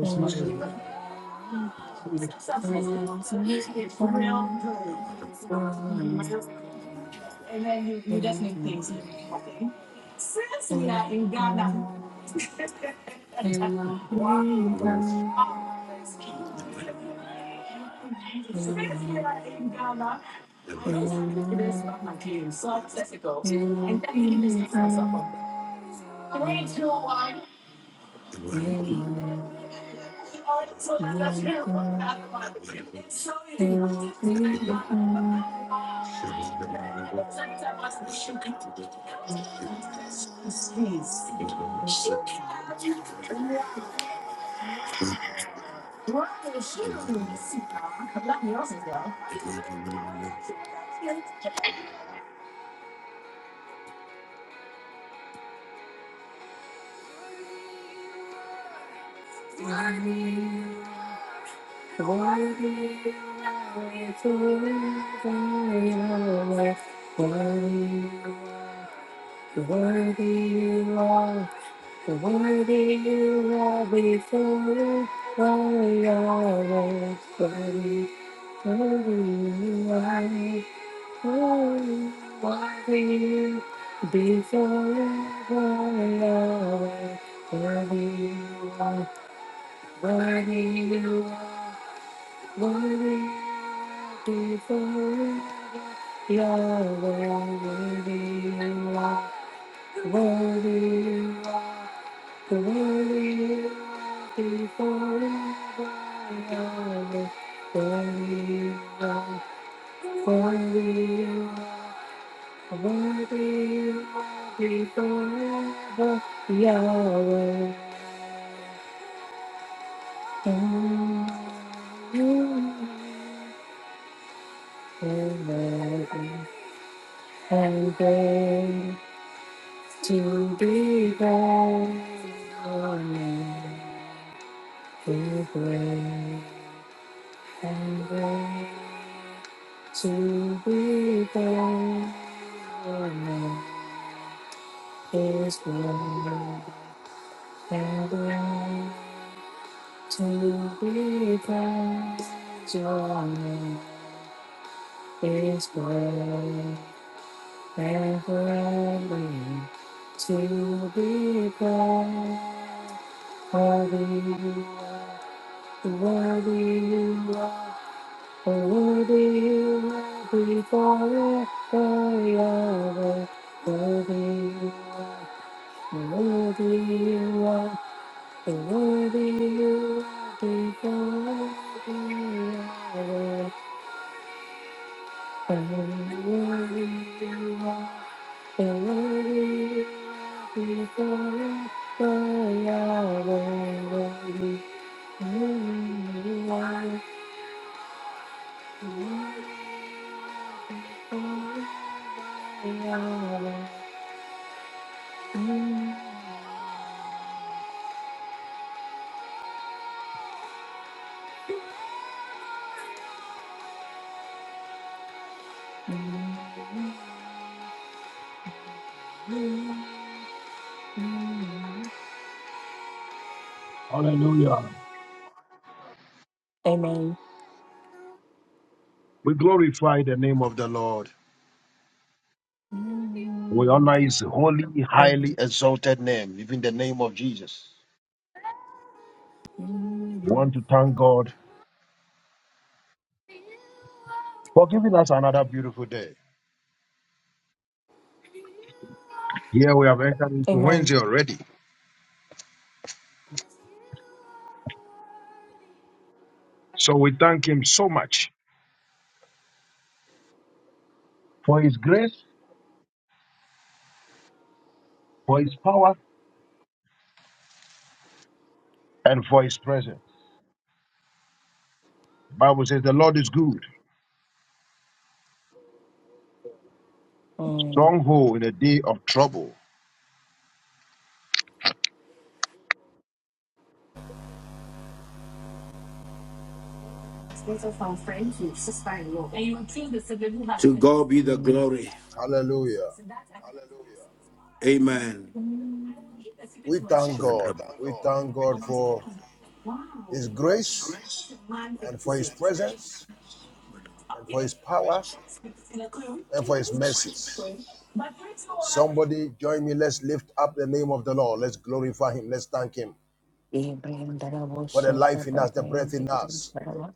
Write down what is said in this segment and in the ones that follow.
Thank you. Before you are, worthy you are, worthy you are. Worthy, be forever. You're worthy, you are worthy, you are worthy, you are be forever. You're worthy, you are worthy, you are worthy, you are be forever. Yahweh, mm, you are worthy. and great to be praised. Great and great to be praised. Is great and great to be praised. Your name is great heavenly to be praised. Worthy you are, worthy you are, worthy you are be forever. Yahweh. Worthy you are, worthy you are, worthy you are be forever. Yahweh. Worthy you are. Eloi, Eloi, Yahweh, Eloi. Amen. Hallelujah. Amen. We glorify the name of the Lord. We honor his holy, Amen. highly exalted name, even the name of Jesus. We want to thank God for giving us another beautiful day. Here we have entered into Amen. Wednesday already. So we thank him so much for his grace, for his power, and for his presence. Bible says the Lord is good, stronghold in a day of trouble. To God be the glory. Hallelujah. Amen. Amen. We thank God. We thank God for his grace and for his presence and for his power and for his mercies. Somebody join me. Let's lift up the name of the Lord. Let's glorify him. Let's thank him Yeah, Brian Dala was for the so life in Papa us, the Brian breath de in us, Gosala.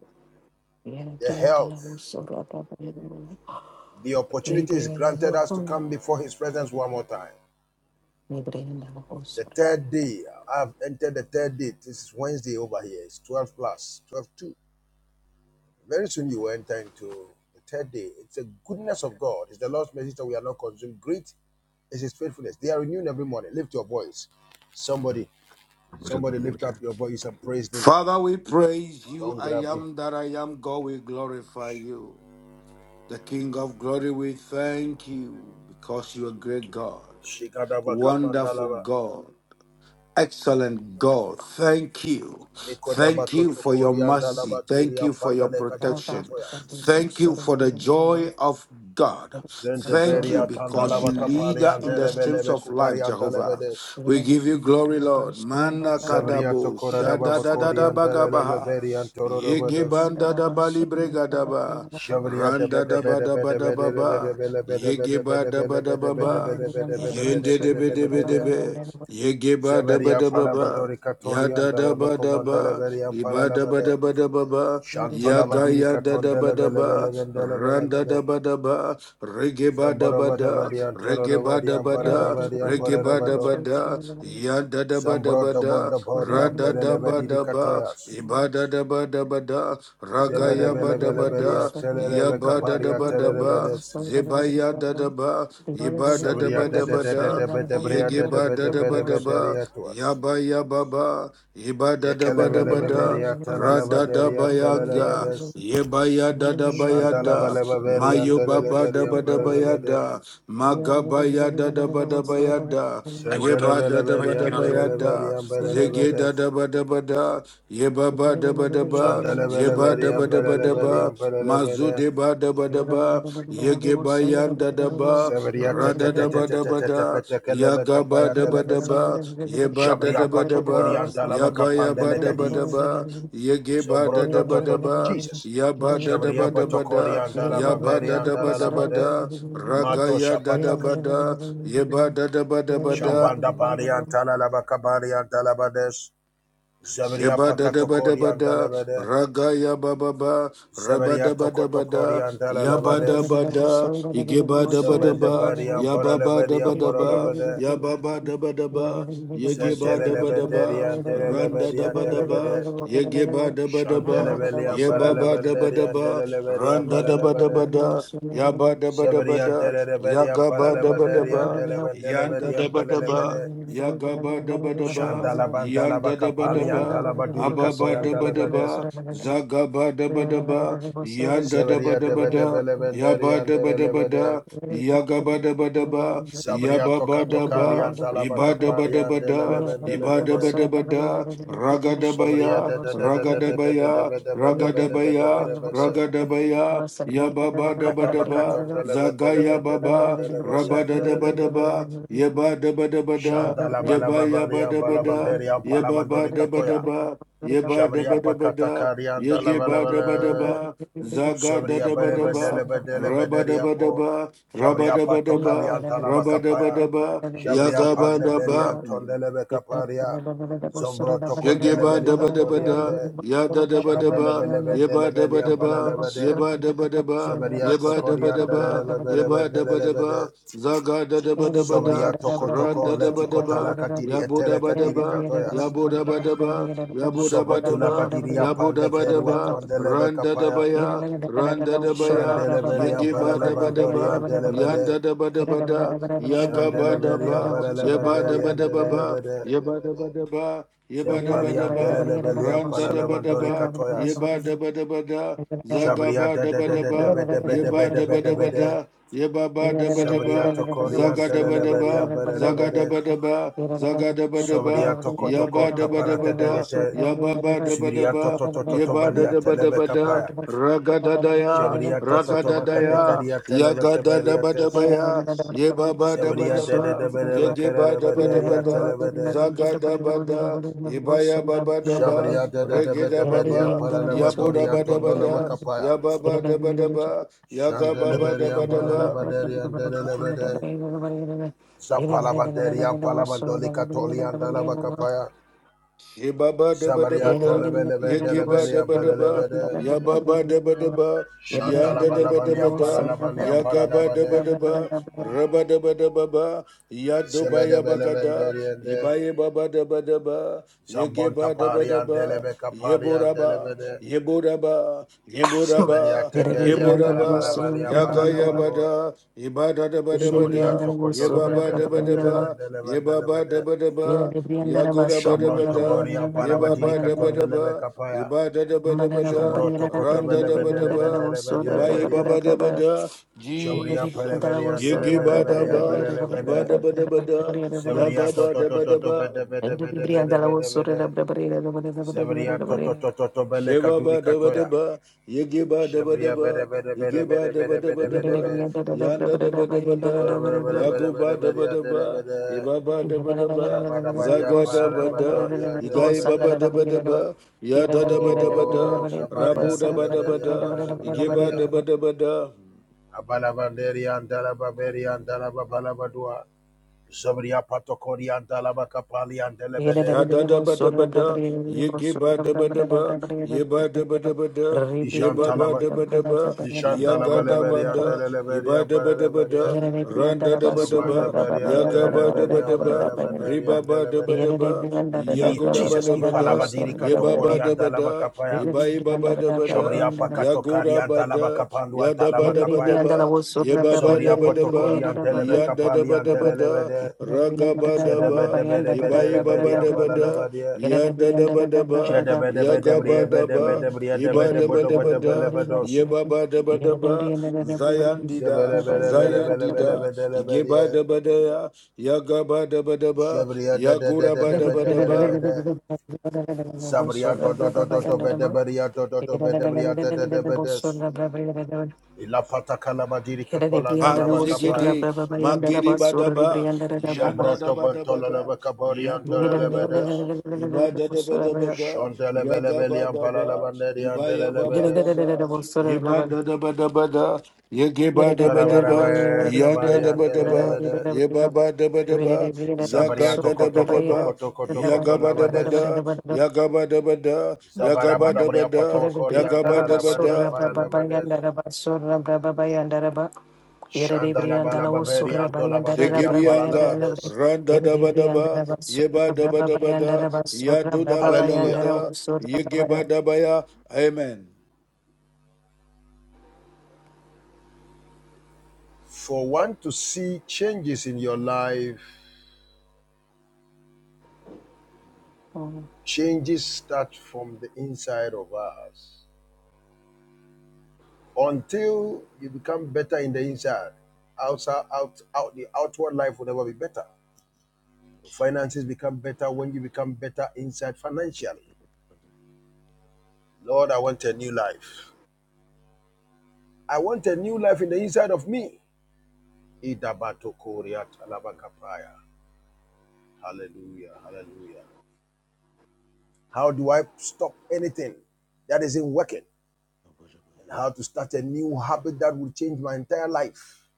Yeah, the Brian health, Dala was so Papa Brian. the opportunities Rebrian Dala granted was us to so come before his presence one more time. Brian Dala was. The third day, I've entered the third day. This is Wednesday over here. It's 12 plus, 12 2. Very soon you will enter into the third day. It's the goodness of God. It's the Lord's message that we are not consumed. Great is his faithfulness. They are renewed every morning. Lift your voice. Somebody, somebody lift up your voice and praise him. Father, we praise you. I Mangrabe, am that I am. God, we glorify you. The King of glory, we thank you because you are a great God, Shigadaba wonderful Kapandalaba, God. Excellent God, thank you. Mikodaba Thank you for your Kotokori and so. Dalaba mercy. Diri Thank you and for your Pandaleka Duri Thank protection. Katoyas, Thank you for the joy of God. Thank you Zendeberia because you Tandalaba lead Kapari us and in the streams Delebelebe of life, Kupari and Jehovah. Delebedes, We give you glory, Lord. Mana Zavria kadabo Tokora Bakori and shadadadadabagabaha. Delebeberi and Torodobodos, Yegebanda da da bagabaha. Yege banda da bali brega da ba, Javria de randa Bede da ba Bede da ba Bede da ba Bede ba, Bede Bede Bede Bede Bede yegeba da ba da Bede Bede Bede Bede ba ba, Bede Bede yende de Bede be de Bede be de Bede be. Yegeba daba daba ba. Zeveria da ba ba. Palabadori Ya Katori and da da Daleba ba da ba, Commandaleberi and iba da ba Palalabade. da ba da ba ba, ya Shantola ga badiri ya da da ba katondele da bele bele ba, bendele bele ran da da bele. ba da ba, rege ba da Zamboro ba bada da, badi antoro rege da ba badi da ba ampara da da, badi rege ampara da ba da ba bado. da, ya da da ba da Zambro ba da da, bonda bori ra da da ampelele ba badiri da ba, katoyas. you. iba da da ba da ba da, ra Thank ga you. Zebede ya bele ba da bele ba bele da, antelele ya be ba da kabari da ba Badaba, Zebaya Dadaba, Iba Zabria Dadaba de de de de Dabada, de be de bria de de Yegeba be de be Dadaba de be de Daba, ria tuas. Yaba Yababa, Iba Yekele Dadaba bele be Dabada, beria telele be de ria telele Radadabayaga, bedes. Yebaya Shandala Dadabayada, bele be beria Mayo antelele Baba beria ampara da bede. Dabadabayada, Magabaya Dadabadabayada, Yeba da da ba Shandelebelebedi da ba ya andelebedi da, zege ambelebede. da da ba da ba da, yeba ba da ba da ba, yeba Shandelebelebedi da ba da ba da ambelebedi ba, mazu ambelebede. de ba da ba da ba, yege ba yan da da ba, Zebedia ra te te da te da te ba te da te ba te te da, petekelebe yaga ba kapaya Thank da ba da delebesa. ba, yeba da Jabria da ba da patokori ba, andalaba yaba ya ba kapandele da ba da kadiz. ba, Yegeba Zombro da da to ba to da to to. ba, Jesus. yaba da da Jabria ba da ba patokori da, andalaba yaba beri da da ba da andalaba ba de. da, Mato ragaya da da shapataka. ba da, yeba da da ba da ba da. Shambanda Mm. bari andalaba kabari andalaba des. Zebedia Sheba da da ba da pakatokori ba da, andalebede. raga ya ba ba ba, raba da Zebedia ba toko da ba toko da, riandala ya ba da labades. ba da, ige ba da ba da Zebende ba, bari ya ambora ba ba da lebedi ba da ambora ba, lebede. ya ba ba da ba da ba, ye ge ba Zentele da ba da lebede ba, riandele ran da lebedi ba andele da ba, lebede. ye ge ba da ba da Shandele ba, beli ye ambara ba you. ba da lebede ba da ba, riandele lebedi Yeah. ran ambara da ba da ba lebede. da, ya ba da ba da ba Zebedia da, andele ya lebedi ga ambara ba da ba lebede da ba, riandele bende yan da lebedi da ba ambara da ba. lebede. Yagaba daba Yagabadabadaba, Shandala bandala bakapali Yandadabadaba, andala baduri katoya andala lebedes. Ababadabadaba, Zagabadabadaba, Zebedia debe debe Yandadabadabada, lebede riandele Yabadabadabada, lebede. Yagabadabadaba, Zabria toka tokali Yababadaba, Ibadabadabada, andalaba kapari Ibadabadabada, daba, andelelebelebele. daba da, yaba daba daba da, yagaba daba daba, yababa daba, iba daba daba da, iba daba daba da, raga daba Zabria ya de de de Ragadabaya, de de daba de de de de de ya, raga daba, Thank de de de de de ya, de de de de. raga daba ya, yababa daba Makata daba, bakata Zagaya Baba, andelebelebelebelebele rabada daba andelebelebele. daba, yaba daba daba Yabadabadabada, Shandala Yeba balababari yaba daba da, ambalabanderi yeba ba ampalabandori daba katoya. daba, yeba Zabria daba daba pakata da, kari yege ba daba andalabelebele. daba, zaga da Zobria daba bere bedele daba, bedele raba bedelia daba po. daba, raba Jabria daba pato daba, kalianta antala raba daba bakapaya. daba, Jabrian yaga ba pande you. belian daba. tondele Thank bekaparia. Zombro tokondele Yegeba daba daba da, belikatoriande. yada daba Shandele daba, bele bendele yeba daba belian daba, palalebede. yeba daba daba, Zeberia yeba daba tokoriandele daba, lebele yeba bendele daba lebede. daba, zaga da daba daba Zobria da, toko ran toko da leti daba kotala daba, kadiri yabo etele daba kadiri daba, katoyas. yabo daba daba, yabo daba Zobotula daba, badiria yabo pande daba verua daba, tuandele ran da daba bekapaya. ya, ran da daba ya, Shandelebeli and yegeba daba Paralabandori and daba, yanda Delebede. daba daba da, yaga ba Shandelebeli and daba, yeba Paralabandari daba and daba you. ba, Delebede. yeba daba daba, Thank Yeba daba Zampali and daba, Delebeli and randa daba Paralabandori daba, Katoyas. yeba daba daba da, Shabria zagaba de de daba de de daba, de de de de de yeba de de daba de daba de. da, yeba ba daba Sabria daba, tokori and zaga daba Delebeli daba, and zaga Paralabede. daba daba, zaga daba Sobria daba, toko toko yaba daba tapara daba de de de da, de. Yababa daba Zibria daba, toto toto to yeba da balia daba telebe daba da, kapaya. raga da da Ya Shabria toto raga to da da makate ya karia telebe yaga da daba daba kabariates. ya, baba raga raga Shabaria da da zaga Yababadabadaba, yebadadabadabada, ragadadaya, ragadadaya, yagadadabadabaya, yebabadabadaba, da ba da you. ba ka da da ba da Thank ria ta la yegibadabadabada, ba da. zagadabada, ibayababadaba, Shabaria da da da ba da ba ria regedababa, pa la la ba do ria tondo la ba yabudabadabada, ka pa ya. yababadabadaba, Shanda la ba ria pa la la yagababadabadaba, ba da ria da la la ba da. Zapa la ba da ria pa la ba do li ka to li an da la ba ka pa Shibaba daba daba to da, la ba la ba da la ba Yagiba ria daba pa la la ba daba, da. Yababa daba daba, Shanda la Yanda ba la daba ba daba ria pa la da, la ba ria pa la la Yagaba ba daba da. daba, Raba daba daba ba, Zebe Yadoba de be le be de yabagada, ria de. Ibaye baba daba daba, Zambon Yagiba daba tapari an de le daba, be ka an de le Yeboraba, be de. Yeboraba, Zebedia Yeboraba, tekeria andala bala Yeboraba, bala ya bala la you. bado. Yagayabada, Ibada Mandala daba daba Zobedia da, tokoto lo Yebaba bendele daba bendele daba, bendele bendele Yebaba bende. daba daba, Shabron Yagorabadabada, toboria bala Yeba batiri ba da ba katonda da lebe ba, kapaya. iba da da ba da ba da, Jombro tokoto randa bele da da ba da bendele ba, bendele bendele iba yeba bedia. ba da ba da, Jobria pele Jesus. bedia andele Yege bele ba da bedia ba, belele iba bede. da ba da ba da, Zebedia yaga ba toto da toto ba da toto ba. bede bede bede bede bede bede. Zebedia toto toto toto bele Sheba kaduri ba da ba da katoya. ba, yege ba da ba da Jebria bede ba, bede bede yege ba bede da ba bede da ba bede da bede ba, bede. yanda da ba da ba Oh, da, yago ba da ba da ba, iba Yere ba da ba da ba, zaga da ba da, igai ba ba da ba da ba, yada da ba da ba da, Cabaria rabu da ba da ba Deleveria da, yege ba Barabarabaria da ba da ba da. Abalabanderia and Dalababeria and Dalababalabadua Zobria Patocoria and Dalabacapali and Delebede Shada da ba da ba da, ye ge ba da ba da ba, ye ba da ba da ba da, ye Ishan ba ba Talaba da ba da ba, Nishan ya ga da ba Dalabaleveria and da, ye Deleveria ba and da ba da ba da, Baraleveria ran da da ba da ba, Zambandabaria ya and ga ba da ba Deleveria da and ba, re Baralabanderia ba and ba da ba da Delebede ba, ya Diri, go da ba Jesus, da ba da, Ipalabadiri ye ba ba Katokori da and ba da, ye Alabakapaya, ba ye ba ba da ba da, Jabria ya go Pakatokari da and ba da, Alabakapandu ya and da ba da Here they ba da be Alabakapaya, ba, under the was ye surra ba by ba da Zobria ba da ba, Potokori and ya da da Delebekapali ba and da ba da, Delebede, ra ga ba da ba. Iba iba ba Zedebedebedebedebede and da ba da, Balalabadia, ya da da ba ya ga ba Jedebedebedebria da ba, Bedebedebria iba da ba da ba zayandida, ye ba ba da ba da Zebelebelebelebelebelebedia, ya, ya ga ba Jebria ya gura ba da ba. Dedebedebedebede, Zabria Dodododobedeberia Dododobedeberia Dedebedes, Ilapata kalabadiri katolanda labakapa. Paruzegede, under Magere Badaba, the Yanda Yere da Jambroto bantola Badabada, labakabori Yere Yago andola lebedes. Badaba, Ibada da Badabada, Shondele Yaga belebeli ambala Badaba, labaneri andele Ibaya lebedes. Babadaba, Ibanda da Badabada, Yege Badabadaba, Ikarabarabe Yanda kabari da andele Badaba, lebede. Yebaba da Badaba, Zaga Zabariato da da koto koto Badaba, koto koto Yaga koto labades. Badabada, Yaga Badabada, Yaga Zabarabadabria Badabada, pato kori Yaga andala labari ampala Badabada, lebedes. Shandala balababeri andola badiri ampala Segebianga, labades. Randa daba daba, Yeba daba daba Yadu daba daba Hallelujah. Yegeba daba ya. Amen. For one to see changes in your life, Changes start from the inside of us. Until you become better in the inside, outside, out, out, the outward life will never be better. Your finances become better when you become better inside financially. Lord, I want a new life. I want a new life in the inside of me. Hallelujah, hallelujah. How do I stop anything that isn't working? and how to start a new habit that will change my entire life.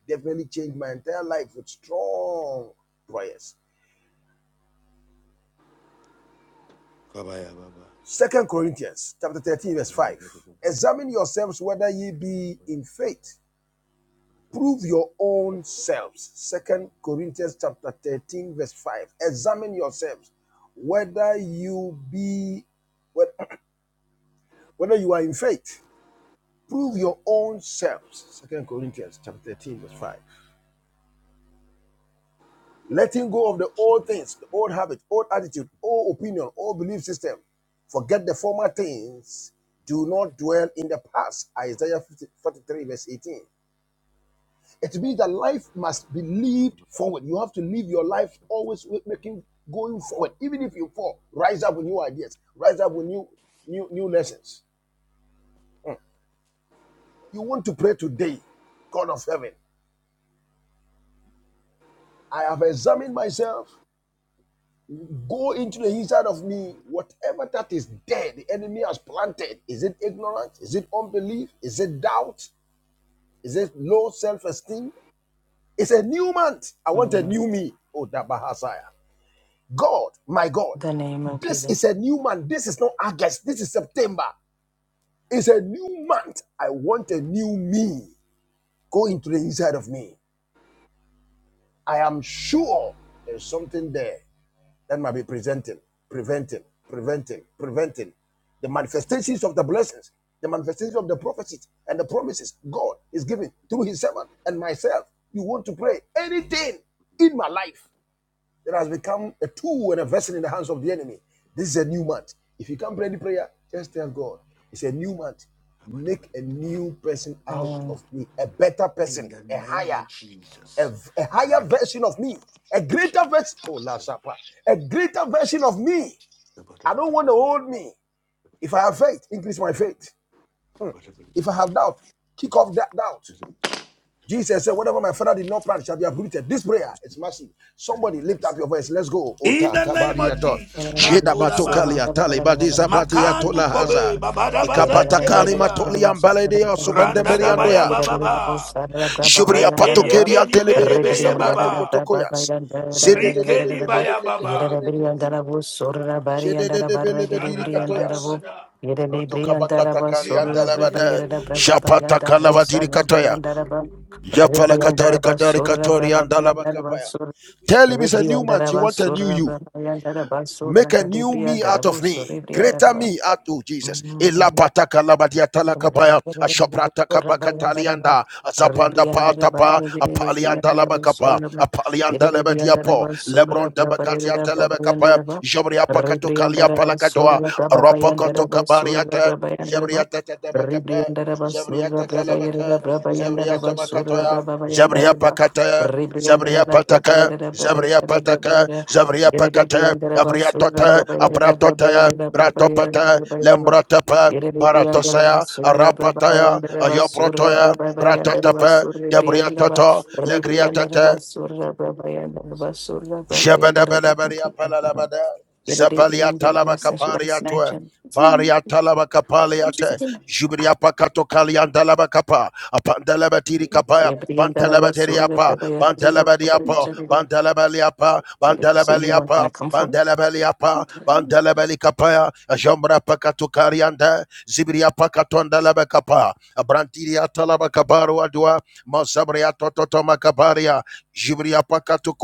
Definitely change my entire life with strong prayers. Kabaya baba. Second Corinthians chapter 13, verse 5. Examine yourselves whether ye be in faith. Prove your own selves. Second Corinthians chapter 13, verse 5. Examine yourselves whether you be whether you are in faith. Prove your own selves. Second Corinthians chapter 13, verse 5. Letting go of the old things, the old habit, old attitude, old opinion, old belief system. Forget the former things. Do not dwell in the past. Isaiah 50, 43, verse 18. It means that life must be lived forward. You have to live your life always with making going forward. Even if you fall, rise up with new ideas, rise up with new new new lessons. You want to pray today, God of heaven. I have examined myself. Go into the inside of me. Whatever that is dead, the enemy has planted. Is it ignorance? Is it unbelief? Is it doubt? Is it low self esteem? It's a new month. I want a Uh, new me. Oh, Dabahasaya. God, my God, the name of this Jesus. is a new month. This is not August. This is September. It's a new month. I want a new me. Go into the inside of me. I am sure there's something there. that might be presenting, preventing, preventing, preventing the manifestations of the blessings, the manifestations of the prophecies and the promises God is giving through His servant and myself. You want to pray anything in my life that has become a tool and a vessel in the hands of the enemy. This is a new month. If you can't pray any prayer, just tell God it's a new month. Make a new person out Uh, of me, a better person, a higher a, a higher version of me, a greater version. Oh, La Shapa, a greater version of me. I don't want to hold me. If I have faith, increase my faith. If I have doubt, kick off that doubt. Jesus said, Whatever my father did not plant shall be uprooted. This prayer is massive. Somebody lift up your voice. Let's go. In Ota the name of kabariato. Jesus, Ka- Sheda batokalia talibadiza Makandu batiatola haza. Kobe, Babadaba Ikapata kalima Zantebelia, toliam baladia Randa Dabaya subendemberiandoya. Baba, Jubria Reke patokeria Yegeni teleberebe Bedebeye sabriato Baba, kotokoyas. Zede de de de Rikeni de de de Baya Baba. ketekelebedias. Jede de de belebediri katoyas. Rotokabakata kalianta labada. Shapata kalabadiri katoya. Japala katari katari katori andalabakapaya. Tell him it's a new month. You Ribriandaraba want a new Surra you. Briandaraba Surra Make a new me out Ribriandarabo of me. Greater Surribriandaraba me out to Jesus. Elapata kalabadia Rebriandara talakabaya. Ashaprata kabakatalianda. Azapanda patapa. Apalianda labakapa. Apalianda lebedia Lebron tabakatia telebekapa. Jobria kalia palakadoa. Ropa kabariata. Jebria tabakapa. Jebria takalabaka. Jebria tabakatoya pakata, Zabria pataka, Zabria pataka, Zabria pakata, Abria tota, Abratota, Bratopata, Lembratapa, Yerere briandara Baratosaya, basura braba Arapataya, bayandara basura Ayoprotoya, braba bayandara Bratotapa, basura briandara ba Debriatoto, re briandara Legriatata, basura braba bayandara basura braba bayandara. You can Jabadabadabaria take that. palalabada. Yerere Zapalia briandara talabaka basura should I snatch pariatwe. him? Baria talabaka Just paliate. do it. I Jubria pakato don't know. kalian dalabakapa. Apandalabatiri kapaya. Yeah, briandara basura Pantalabateriapa. braba yandara braba Bantalabadiapa. yandara Bantalabaliapa. ba. So you weren't gonna Bantalabaliapa. come for Bantalabaliapa. it? Bantalabali a Ajambra pakato karianda. Zibria pakatondalabakapa. Abrantiria talabakabaru adua. Masabria tototomakabaria. Jibria pakato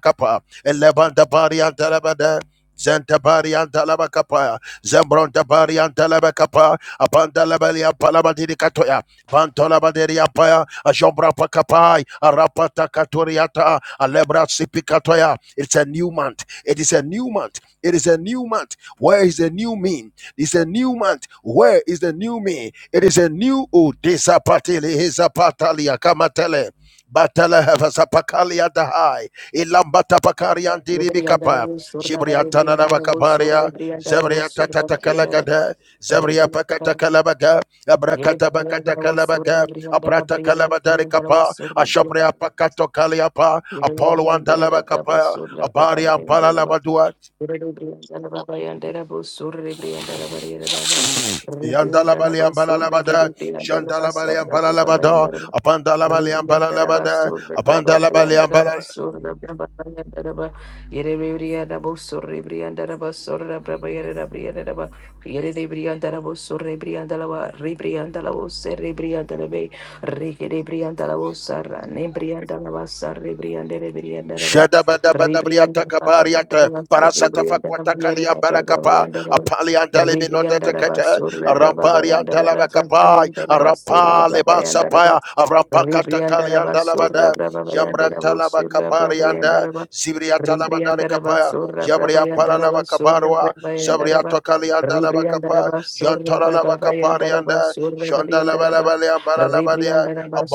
Dalabakapa, Elevanta Barian Dalabada, Zenta Barian Dalabakapa, Zembron Tabarian Dalabakapa, Apandalabalia Palabadiri Katoya, Bantolabaderia Paya, Ajombra Pakapai, Arapata Katoriata, Alebra Sipikatoya. It's a new month. It is a new month. It is a new month. Where is the new me? It's a new month. Where is the new me? It is a new Udesa Patili Hisa Patalia Kamatele. Batala Havasapakalia ilambata pakarian You briandara diribikapa basura braba jibriatana na briandara basura bakabaria briandara zabriata basura tatakalagada zabria briandara. pakata kalabaga abrakata bakata kalabaga abrata kalabadari kapa ashapria Yere pakato kaliapa apollo antalaba kapa abaria ampala labadua Rebriandalaba, Yandalabali Ambalabada, Shandalabali Ambalabada, Apandalabali Ambalabada, Apandalabali Ribrianda Babanda Shadabadabadabriatakabariata, Basso, Ribrianda Riera parasatafakwatakalia Babayanda Ribrianda apaliandalibinotetekete, Basso, Rababayanda arampariandalabakapai, Rabayanda Basso, Rababayanda Raba, arampalebasapaya, Ribrianda Basso, arampakatakaliandalabada, Rababayanda Basso, Rababayanda yamratalabakabarianda, Raba, Ribrianda zibriatalabadarikapaya, Basso, Rababayanda Basso, yabriampalalabakabarwa, Rababayanda Raba, Ribrianda zabriatokaliandalabakapa, Basso, Rababayanda yantalalabakaparianda, Basso, Rababayanda Raba, shandalabalabaliambalalabadia, Ribrianda Basso,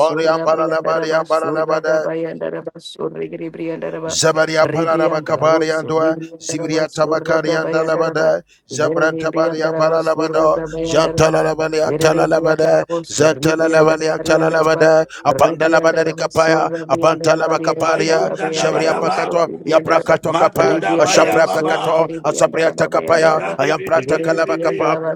Rabrianda Basso, Rababayanda Basso, Ribrianda Raba, Zabaria Ribriandala Pararabakabari was and Dua, Zibria Ribriandala Tamakari and Surabayandaraba, Dalabada, Yere Zambrantabari and Ribriandaraba, Baralabado, Suribriandaraba, Jantalalabali and Talalabada, Zantalalabali and Surabrabayandaraba, Talalabada, Apandalabada Ribriandala Kapaya, Surabrabayandaraba, Abantalabakaparia, Ayunda da ba Jabria da Yerebriandaraba, ba, Pakato, Suribriandarabayandaraba, Ribriandaraba, Surabriandaraba, Yerabrabayandaraba, Suribriandaraba, Yaprakato Kapa, maguda ba ya Ribriandaraba, Ashapra ba ba, Pakato, Asabria Surabriandaraba, Takapaya, rida Bayandaraba, di bi di Ayamprata bi di bi di, Kalabakapa, Yerebriandaraba,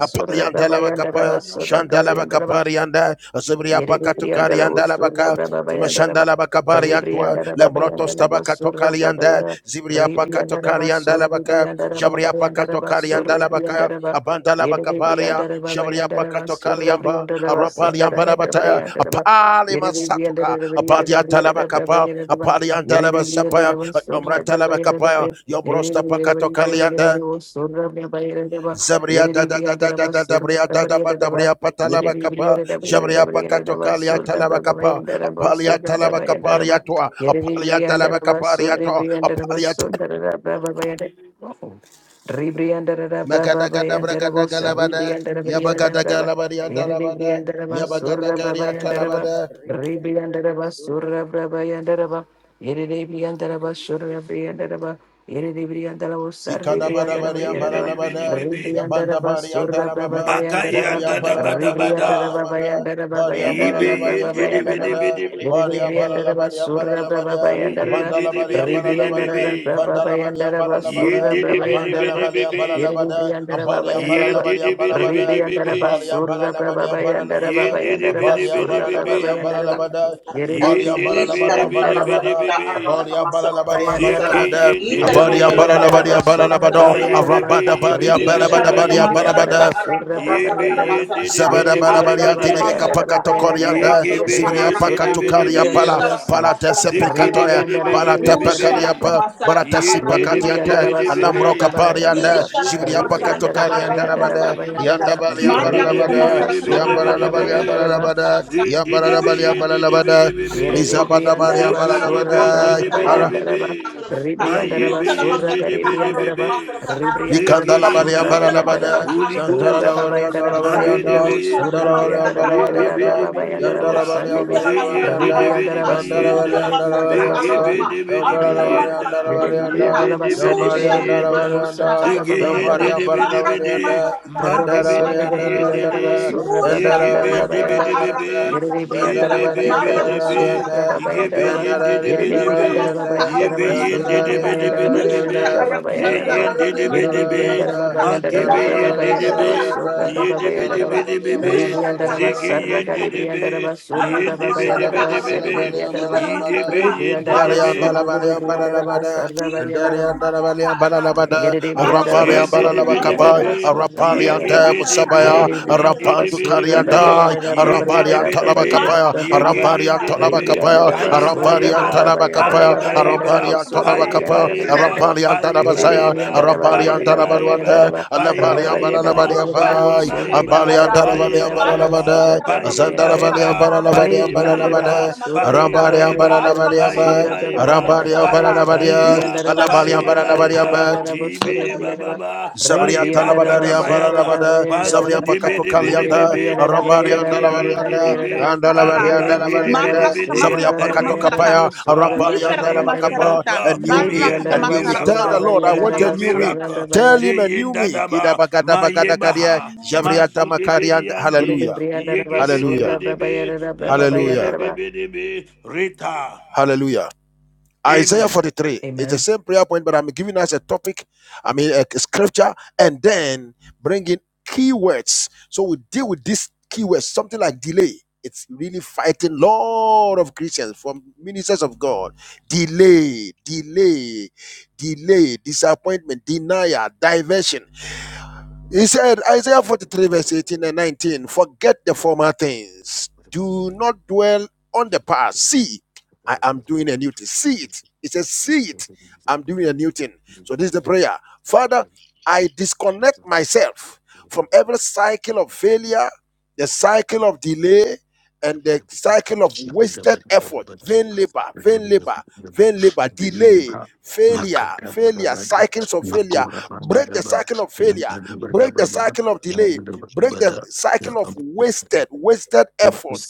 randa Apaliandalabakapa, Surabrabayandaraba, da ba da ba ya, Surabriandaraba, Shandalabakaparianda, Azibria Pakato Yerebriandala Usura Kariandalabaka, Brababayandara Mashandala bakabari antwa Ribriandara lembrotos Babayandala tabakato Basura kalianda Brabayara zibria pakato Ribriandara kalianda Basur labaka Ribriandara jabria Babayandara pakato Basur kalianda labaka Ribriandara Ba abandala bakabaria Yerebriandara jabria Babayandara pakato Basura kaliamba Briandara arapali Basandara ambala bataya Brabayandara Ba apali masatoka Yerebriandara apali atala Brabayandara bakapa Brabayandara Ba apali andala basapaya Yerebriandara Basura amratala Brabayandara bakapaya Ba yombrosta pakato kalianda Yerebriandara Basura Brabayandara Ba Zabria da da da da Yerebriandara da da da Basura bria da da ba da Brabayandara Ba bria patalaba kapa Ribriandaraba, Zabria pakato kalia talaba kapa apalia talaba kapa riatoa apalia talaba kapa riatoa apalia ta- magada gada bragada galabada yabagada galabada yadalabada yabagada garia talabada Surra Ikada iyen di Ikadabadabari di bi di bi di ambalalabada, bi di, yabandabari Baba andalababa, maka bari Bayandaraba, yanda da ba da Ribriandara ambalalabari ba da, ambalalabada, bari ibe ambalalabari yen di di bi di ambalalabada, bi di bi di, bari ambalalabari ambalalabada, ziyen di di abandalabari bi di bi di bi ambalalabada, di, bandalabari ambalalabada, yen di di bi di bi di abandalabari bi di, ambalalabada, Balabada, Ambari and yen di Balabadi di and bi di bi di Balabada, bi di. Ambari and Balabadi and Yin Balabada, diddy biddy Ishara Ambari and biddy biddy. Balabadi and Balabada, Ambari Yin and diddy biddy Balabadu and biddy biddy Balabada, biddy. Ambari and Balabadi and Ziki Bayandaraba, Balabada, yin diddy Yerere Ambari and biyinda. Balabadi Briandaraba, and Surra My Balabado, ye Bayandaraba, bibi Arabada ye Badi and biddy biddy Balabada Ribriandaraba, Badi and biyinda. Ribriandaraba, Balabada, Surra Ye be Bayandaraba, yin diddy Zabada biddy Yerere biddy barabaria Briandaraba, tilibika bidinda. Bayandaraba, pakato Bayandaraba, Ye korianda gibi zibria Briandaraba, yin diddy pakato Surri biddy karia pala Briandaraba, bidinda. pala Usia, tese Ziki di pikatoria biddy Ribriandaraba, bala biddy Ooh, tepe biddy. karia Riandaraba, pa bara tesi Yin Yerere diddy biddy pakatiate Briandaraba, biddy Surra alambro biddy. kaparianda Bayandaraba, zibria pakato Ribriandaraba, karianda Bayandaraba, rabade yanda Bayandaraba, balia barabada Ribriandaraba, Surra yambara balia Bayandaraba, barabada yambara balia barabada mizabada baria Yerebriandaraba Surra barabada Brava ara Bariandaraba Mucha Ribriandaraba Surra Garibriandaraba Mikanda Ribriandaraba la bali Zigiyenda, Surra ambara la Bariandaraba bade, Holy Shantara Rabra la Ghost, bali anda Babayandaraba la bali Mabede anda, Bayandirabu anda Surri la Beyenda, bali anda Briandaraba la bali Rabra anda, Yegebede yanda Babayandarabu la Bidienda, bali Sunday ambara la bali Zeyende de anda, Bedi Ribriandaraba yanda la Surri bali Bidienda, anda la bali Giribriandaraba anda, Surri Megebede Bedi yambara la Briandaraba bali anda Bidienda, la bali anda, Yerebriandaraba Sunday yambari anda la bali Giribriandaraba Yebedebedebedienda. anda, Sandabra Babayandaraba yambari ambara la bali Zegeyendebedebede. anda, Rabba anda la bali Surra anda la bali Garibriandaraba anda, Mandebedebediendede. Surra Baba anda la bali Yandaraba anda la bali Yandaraba Yegebendebedebebe. anda, yanda la Garibriandaraba bali anda la Yandaraba Yebebebedebe. bali anda, Surra Baba Yandaraba yanda la bali anda la bali Yigebeyendebedebe. Garibriandaraba anda, Yandaraba yanda la Surra bali Baba anda la Yandaraba bali Yebeyendebedebedebe. Yandaraba anda, Baba Yandaraba Arabarian Zeyendebedebe. Garibriandaraba Yandaraba Baba Magebeyendebe. Yandaraba Surra Baba Yandaraba Yendebedebedebe. Ribriandaraba Sarra Musharakat, Zegeyendebe. Garibriandaraba Surra Baba Yandaraba Yendebedebedebe. Seribriandaraba Ribriandaraba Yidebeyendebe. Surra Garibriandaraba Sarra Yerere brianda la basura, brianda la Shedebedebebe, basura, brabayara. yegebedebe, Yerere brianda la basura, nindebedebebe, brabayara, da Talabacapaya, brabayara, Arabarian da yendebedebe, brabayara, Talabacapaya, da brabayara. Arabarian yegeyendebe, Rebrianda la basura, payebayeba, brabayara, da Talabacapaya, Bazaya, brabayara, da payebayeba, Arampari and basura, rebrianda Tolabakapa, la payebayeba, brianda la Mucho ba. Arampari and Yerere Tanabazaya, brianda payebayeba, la Arampari and bariera, da brabayara, da Tanabaluante, payebayeba, ba. Alambari and Rabarianda la payebayeba, Banalabadi and bariera, da Bai, basura, payebayeba, Ambari rebrianda and Ara. la bariera, Tanabali and da Marakata payebayeba, Banalabadai, basura, masarakata brabayara, da masarakata ba. Azandanabali and payebayeba, ara. Banalabadi and Utana Rebrianda la payebayeba, masarakata Banalabadai, basura, masarakata. Arambari and brabayara, payebayeba, da Banalabadi and Arakata Bai, basura, masarakata payebayeba, brabayara, da masarakata Arambari ba. and ara. Banalabadi, payebayeba, Rebriandaraba Musharakata Alambari and Surra Paiba masarakata Banalabadi and iba, Bai, ara. Brabayandaraba ibe Surra Utana iba Briandaba masarakata. baba, Zabria paiba Rebriandaraba talabadari Marrata ndada ambara Surra bayaga, masarata. labada. pazu Zabria Brabayandaraba debe pakato Nisharata debe debe be, de be kalianda. masarata be, ara. Rebriandaraba Arambari andala yege yende Nisharata valianda. debe, Rebriandaraba masarata Andala ara. valianda pariba la debe debe valianda. Rebriandaraba de, be de Marrakata be Surra de, Zabria a masarakata pakato new masarata. thing Brabayandaraba kapaya. of Surra God, Arambari a Misharakata andala new thing Brabayandaraba bakapa. of masarakata. A God, new be me. a Marrakata A new Rebriandaraba new me. masarakata. Tell Surra the miracle, Lord I a Utara want a new Brabayandaraba new me. masarakata. Surra miracle, Tell Brabayandaraba him a new zeyenda me. Kida daba, bagada bagada mayeba kadia. ha, Amen. Zabria mazu debe tamakarianda. yande, Hallelujah. Rebriandaraba yege debe Surra Hallelujah. debe, Brabayandaraba yege Hallelujah. yebe Brabayandaraba debe, reta, Hallelujah. Isaiah amen. 43 It's Amen. the same prayer point, but I'm giving us a topic, I mean, a scripture, and then bringing keywords. So we deal with these keywords, something like delay. It's really fighting lot of Christians from ministers of God. Delay, delay, delay, disappointment. Do not pass. See, I am doing a new thing. See it. It says, see it. I'm doing a new thing. So this is the prayer. Father, I disconnect myself from every cycle of failure, the cycle of delay, and the cycle of wasted effort, vain labor, vain labor, vain labor, delay, failure, failure, cycles of failure. Break the cycle of failure, break the cycle of delay, break the cycle of wasted, wasted effort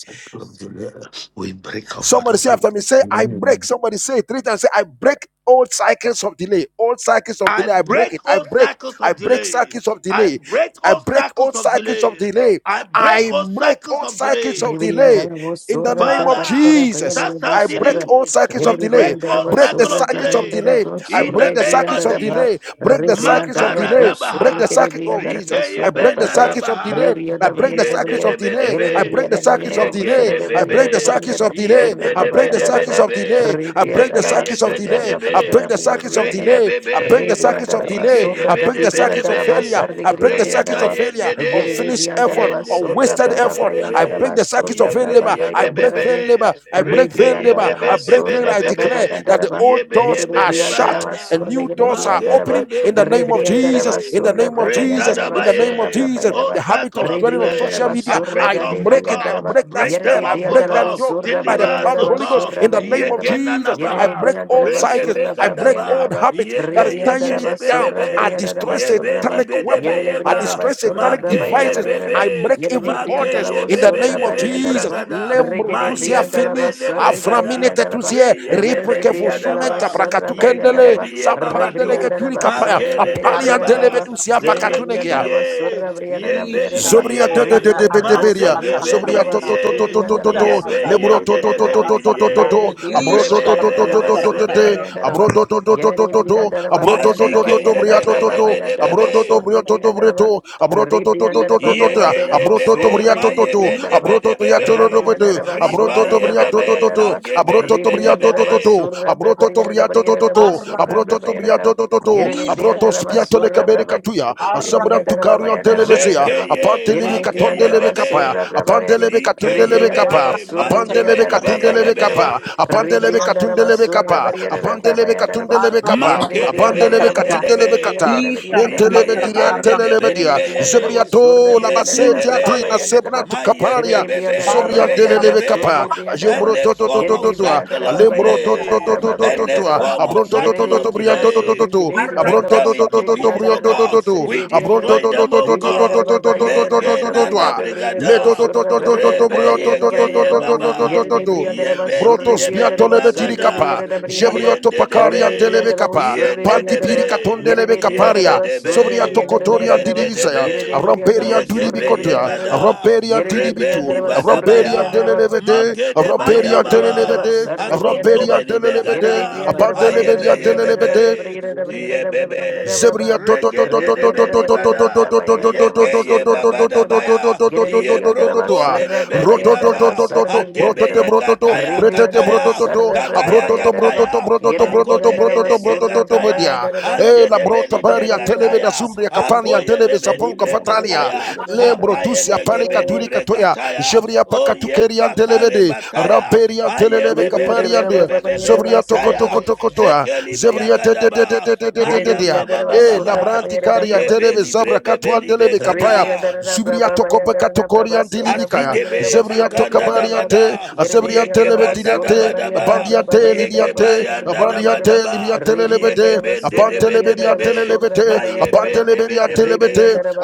Somebody say after me, say, I break. Somebody say it three times. Say, I break old cycles of delay. Old cycles of I delay. I break break it. I all break. cycles I of break delay. cycles of I delay. break I all break cycles old of cycles of delay. delay. I break I all break cycles old of cycles of delay. Brivian delay. Davos, In the sura name of Father, Brabara, Brian, Jesus. that's and Bo I something break Sarah, all new. cycles We very of delay. brilliant, break there all was Break the cycle sura of cycles Brabin, of delay. there delay. was I In the break the name sura cycles of of Briviriyandara delay. Jesus. Break the cycles surra of prabhayandara bhayandara delay. bhu sarra. Viriribriyandara bhu surra prabhayandara bhu surre briyandara Break bha. Ribriyandara bhu surre the Makaradabaha. cycle. Oh kiribriyandara bha Jesus! I surra break the prabhaya. cycles of delay. Rikeyebenanabaha. I Ribriyandara break the bhayandara cycles bhaya. of delay. I Yendedebedebe. break the Yeribriyandara cycles of bhayandara bhu delay. sarra I break ribriyandara the Yegeyebebe. cycles bhayandara of bhu delay. surra I break the prabhayandara cycles bha. of Yendedebedebedebe. delay. I break the Ribriyandara bhu cycles of surra delay. I break Zegeyegedebe. prabhayandara the cycles of bhayandara bha. delay. I break the Reyebebe. cycles of Ribriyandara bhu delay. Igeye I surra break the break bede the bede circuits of be gadibriyandara bha failure. I break the Reye circuits sarri of failure, gayende Yere de unfinished effort, Briandaraba Yende de Sora unwasted bede Baba bede effort. I bebe. break Bayandaraba the circuits Sora of vain Yebe Baba labor. I yebe break bebe. Bayandarabe vain labor. I break Reke vain labor. yebe Rebriandaraba I bede break vain. Sora bede I bebe. Baba declare that the Bayandaraba old Yebe Yere doors yebe are de Igeyebedebedebe, reyegayendede, yendedebedebedebe, yebeyebebebe, rekeyebebedebedebe, shut Briandaraba and Sora yebeyebedebayada, new Yere doors are Briandaraba opening in the name of magedebedebedebe, Jesus. Rebriandaraba In the Sora name of Baba Jesus. Yandaraba In the name Sora of rendadabaye. Baba Jesus. Oh, Yaraba The habit cycle of of dwelling on delay, social Rebriandaraba I media, Sora I break off Gade for break it. I God, Briandaraba break that break Yere them spell. I off for break that Briandarabo God, yoke Sora by deliver the power us of the of the for Bariandaraba Holy Ghost God. Sora in the name of Bariandaraba Jesus. Yere I Yekenanabaha, break old Briandaraba cycles. Sora I Baba break reyebegadaba, old Yandaraba habits Yebe that is tying me Rebriandaraba down. Sora yegedebebebe. I destroy Bariandaraba Yebe Sora satanic weapons. Yerere I libedebeyeba. briyara ba destroy sorra satanic ba Mage bayara devices. bariyara yebebe. ra. I break evil Yerere Mage briyanda altars la wo in the yebebe sorra name of nebe bariyanda ra Jesus. ba. libragada. Lembro Ma Regede tusia briyanda la yebebe ba fini sorre gede nebregada. aframine briyanda la ba. Re tetusia yebebe Yerere ripeke briyanda la ba fosumenta nigadaba. sorra brakatu bariyanda ra kendele ba. Yegidebiyeba Re sampandele batu. briyanda la keturi ba kapaya sorre Magere gede de de briyanda la apaliantele dedeba. ba. Arrakatamasaramataka. betusia Ze Yerere briyanda pakatunekea la ba yegidiye. sorra briyanda ra Yembe la ba. Zobria libidiye. te Re te te Isharamasaka briyanda la Ma wo beria. sorre zegebe briyanda la Zobria ba to arrakatamasaramataka. to libidiye. to sorre to to to briyanda to la ba to. Yebe sorra Mutalamasarka Lebro gede to yende to briyanda to la debe to ba. to to to libidiye. to arrakatamasarkata. to. Yerere briyanda Abro la ba to Rebe to to debe to bayanda la to debe ba to debe to to Isharamasarkata sorre to. briyanda debe. la arrakata. Abro ba. to to to to to Yerere to to. briandara Abro baba Marrakatamasarkata to to yandara to Mazike to bari to ye bria yarara to bebe to braba arrakata. de to. be de bayandara Abro bo to bebe. to bria surri to to bria briandara ba. to. Arrakatamasarkata. Abro to Ri to to to to briandara to baba to to. Yege yandara ye bo Abro to Isharamasarkata to bebe, bria arra. surri ma to to gere ye to. briandara bende ba. be Abro to de to ya Mutalamasarkata to to Rabri bebe. to to. yandara ba arra. Abro Riba to surra to ye bria braba to to bebe, to bayandara ma to. ba. Arrakatamasarkata. gebe Abro to Ri to ibe de bria to briandara to ba to Isharamasarkata to. bebe. surra Abro braba to arra. to yarara bria to bari to to yarara to ba to surra abroto braba to briato yarara. to to to Yerere abroto briandara ba spiato Arrakatamasarkata. le surra kabere braba. katuya Arrakata Ri asabran tu briandara karu baba yandara bari televezia yarara Zeke ba. ye, apante lebe ma Yerere ke katonde ye briandara lebe ba bebe. kapa surra braba apante yari. lebe Zike katunde Ri ye lebe briandara kapa ba bebe, surri man apante de be lebe di briandara be baba katunde ye lebe yandara kapa bebe. apante lebe katunde Ribriandaraba lebe Surra kapa Barriera apante lebe katunde Brabayandaraba. lebe kapa Yere Makedebe apante Briandala lebe yende katinde Babayandere lebe kata debe, Briandara Briere ribe mentelebe Briere diria Briere. yegende telelebe debe dia Yere Briandala dibeye, Surra zebriato la yende Briandara basetia tina debe, sebra Brabayandaraba. tu mayeke kaparia Yere Briandara bebe, Zobrian ibeye Babayandaraba Telelebe Kappa, Surri bebe. Ajombro Briandaraba. Any Toto form Toto Yere of Totua, cycle Briandara of Alembro Toto Babayandara delay, Toto Toto any Tua, Brabayandaraba. form of Abronto Toto cycle Yere of Toto Brian Bria Toto Toto Surri delay, Tu, we break Abronto Briandala them Toto into Surri Toto pieces, Brian oh Briandara Toto God. Toto, Sri We Abronto Briandaraba. destroy Toto them, Toto oh Toto God. Ribriandara Toto Babayandara Toto Toto Brabrida Megenana Tua, Brabrida Leto brigada, Toto Surra Toto Brabrida Toto rebe Brian Toto Toto yegeye Yes, Babayandara Toto Toto baba, Yere de Toto bria de reba yebendi surre brotos bria de debeli reba biatolebe surre bagada. bria dirikapa de jebrioto Yende pakarian debe, telebe briandaraba, kapa sorre yende panti briandaraba, de briandaraba, pirikaton debe, Yere delebe de bria de yende kaparia reba surre bria de zobriato debe, kotorian briandaraba, yende didivisaya Yere de debe, bria de reba ramperian surre yegebe bria turibikotoya de de briandaraba, de briandaraba, yegada, ramperian Yere de bria de reba surre bria de briandaraba, Yere de bria de didibitu rebeni reba surre bria de ramperian briandaraba, badabaya, telelevete magede baya Yerere ramperian brianda raba, baba, telelevete sarere brianda azonto ramperian raba, beni telelevete yerere begada, brianda raba ba, ayebe apanteleberian yerere brianda raba telelevete ba, yebebe, yerere brianda raba ba, yerere yebebe, Zebria raba toto ba, toto re regende toto brianda toto debe ni raba, toto toto yerere bada, raba toto ba, toto yanda toto raba, yege toto sorra brianda yebabada raba, baya, yerere brianda raba, yebrokonde sarra debe raba, ni yanda raba, baga, sarre brianda adebe raba, re yegataya gataya, sarra raba ba, Gagaya yanda raba, toto Gataya, yerere Magode brianda raba, Gedege sorra raba, Gataya, yanda raba, Ande de sorre brianda Benibre raba, yerere raba, Gataya, sarre raba, Akoye re Bebenibre brianda raba, Gataya, brianda raba ba, yerere raba ba, yerere raba ba, yerere Apaye raba, Gegebenibre Gataya, Oye Bakare Bataya, Aye re brianda raba, ba, yanda Bebebebebebebe raba, sarra Bataya, raba, Zekelibria toto Gadaba, Yere de Maya bir dia Baba yandara bas, e Baba orada da Baba, bir labranti yere de kari bir Ye bak. antelebe Belibre zabra katu Rebriandaraba, Bebelibe antelebe kapaya Gadam. zubria tokope katukori antilibikaya Azidebe zebria maganda tokabari ante dabada azebriante lebe yegebanda diante dabadaba abandiante antelebe diriante yegebayanda abandi ante dabadaba liriante lebe yegebende ante liriante debedebebe lelebete mayebende abantelebe diante lelebete lebe diante debedebebe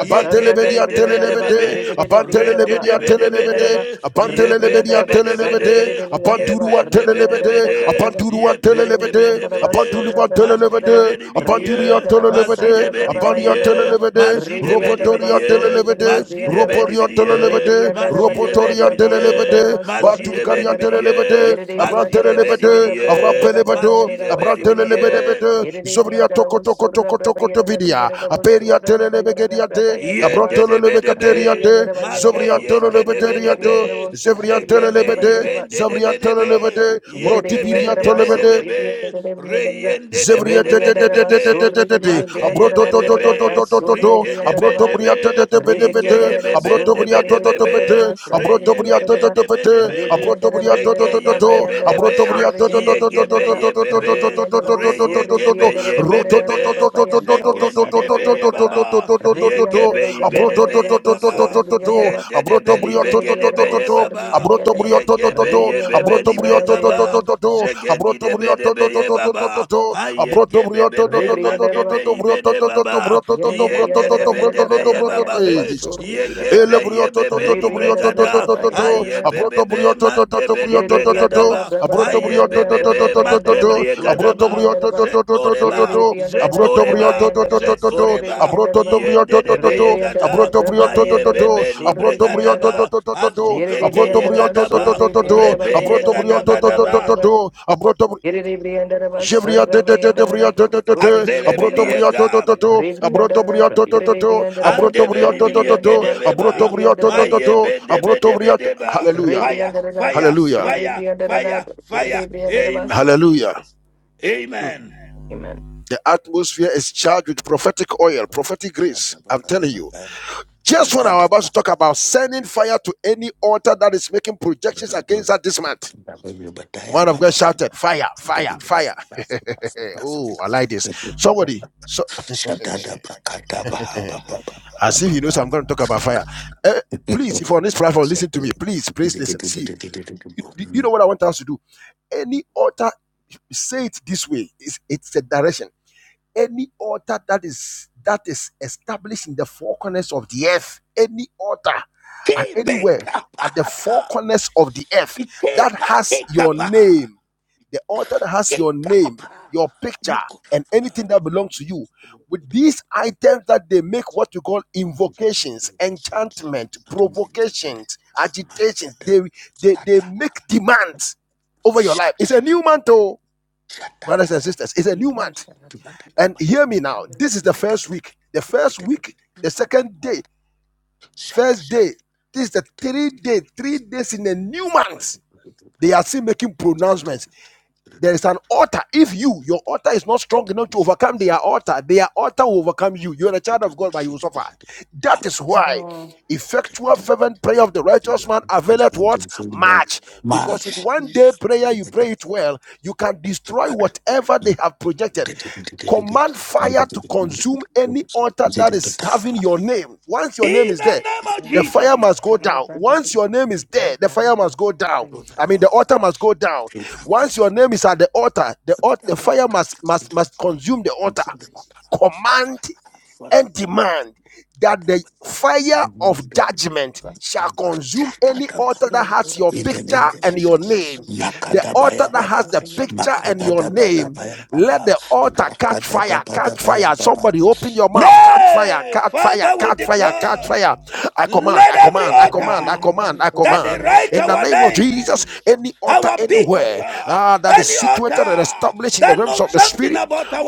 Ye lebe geben de diante be de be lelebete be, abantelebe rende de be diante de be lelebete de, Ye abantelebe ben de be diante de be lelebete de, Ye abanturu ben de be de be antelebete de, Ye Yegebendebedebebe, rendedebedebede, yebendebedebede, yebendebedebede, abanturu antelebete yebendebedebede, Abandulibatelelebede, mazidebedebidiye, Abanduriantelelebede, mazidebedebidiye, Abandiantelelebede, Rebriandaraba, mazidebedebidiye, Robotoriantelelebede, Surrebriandaraba, mazidebedebidiye, Roboriantelelebede, Rebriandaraba, Yeraba, mazidebedebidiye, Robotoriantelelebede, Bayandaraba, Surrebriandaraba, mazidebedebidiye, Batukariantelelebede, Yerebriandaraba, Abrantelelebede, mazidebedebidiye, Surrebriandaraba, Abrampelebedo, Bayandaraba, Surrebriandaraba, mazidebedebidiye. Abrantelelebedebede, Yerebriandaraba, Surrebriandaraba, Zobriatokotokotokotokotovidia, Yeraba, Surrebriandaraba, Aperiantelelebegediante, Bayandaraba, Yende de be de be, Abrantelelebecateriante, Rebriandaraba, mage Yeraba, yende de be de be, Surrebriandaraba, Zobriantelelebeterianto, zege be Rebriandaraba, Zevriantelelebede, Yeraba, ibende de be de be, Zabriantelelebede, yege Rebriandara de be de Brotibiriantelebede, be be, re yende de be Zebria de be tete de tete be be, tete tete tete mage ye abroto be to be to to be, to to to to ri to de de be abroto de bria be, tete tete tete ige tete ye be be abroto de bria be to de to be to be, tete re abroto ye bria be to be to to de be de tete be, abroto bria to to zege to to ye be to be de be, abroto bria to to to to to yege to to be to to ye be to to be, to to to re to yege to to to be ye be roto be to to be, to to to to to to zekendi to de be ye to baba. to to to to Yegebeye abroto to to bedebeye to to baba. to to to abroto Yendedebeli bria to to to to begedebeye to baba. Abroto brioto to to to. Rebriandaraba, Yegebeye Abroto bebeni brioto to to to bregaba. to to. Zegendi Abroto brioto to to debedebeye to to to to baba. to. Abroto brioto to Ayegebebebe to to to to to to. makebeyi Brioto bede to to to baba. broto to to broto to to broto to to Yendedebedebeye broto to. baba Hey be. Jesus. Ele Yegebeye brioto to to to bebeni brioto to to bregada. to to to abroto Ayebebebe brioto to to to mandebeli brioto to to to bregadaba. abroto brioto to to to Ayebebebe to to to to makebriye abroto gadaba. brioto to to Zetoreba, Zetoreba, to to to to to Zetoreba, abroto Yende brioto to de to to to to Beyegada, abroto to brioto to Maye to to Bebe ni abroto brioto to Bregadaba, to to Yere Azudeke abroto Briandaraba, brioto to to Yegadaba, to Surri to to Briandaraba, Rebe Yere abroto brioto to to Briandaraba, to to to abroto brioto to to to Yegadabadaba, Yere to to abroto Yere Briandaraba, Jevria de Surra de de de Briandaraba, de de de de Surri abroto Briandaraba, to to Azelebiliega, to to abroto Rebriandaraba, to to to Yere to abroto Briandaraba, Yere to to to to Briandaraba, abroto Surri Andebelibiliegedebeba, to to Briandaraba, to Maye to abroto Bendebedebedeba, hallelujah Fire, Rebriandaraba, fire, hallelujah Yere fire, Briandaraba, fire, Yere fire, Briandaraba, so Amen, hallelujah Jesus. Amen. Amen. the atmosphere is charged with prophetic oil prophetic grace i'm telling you just when i'm about to talk about sending fire to any altar that is making projections against that this month the man of god shouted fire fire fire oh i like this somebody as if he knows I'm going to talk about fire. Eh, please, if on this platform, listen to me. Please, please listen. See, you, you- you know what I want us to do? Any altar, say it this way. It's, it's a direction. Any altar that is that is established in the four corners of the earth, any altar at anywhere at the four corners of the earth that has your name the altar that has your name, your picture, and anything that belongs to you. With these items that they make what you call invocations, enchantment, provocations, agitations, they, they, they make demands over your life. It's a new month, oh, brothers and sisters. It's a new People month. say, And hear me now. This is the first week. The first week, the second day, first day. This is the three day, three days in a new month. They are still making pronouncements. There is an altar. If you, your altar is not strong enough to overcome their altar, their altar will overcome you. You are a child of God, but you will suffer. That is why effectual fervent prayer of the righteous man availeth what? Much. Because with one day prayer, you pray it well, you can destroy whatever they have projected command fire to consume any altar that is having your name. Once your name In is the there, name of the Jesus. fire must go down. Once your name is there, the fire must go down. I Oh, mean, the altar must go down. Once your name is at the altar, the, al- the fire must, must, must consume the altar. Command and demand that the fire of judgment shall consume any altar that Rubrian has your picture and your name. The altar that has the picture and your name, let the altar catch fire, catch fire. Somebody open your mouth, catch fire, catch fire, catch fire, catch fire. I command, I command, I command, I command, I command. In the name of Jesus, any altar anywhere ah, that is situated and established established in the realms of the spirit,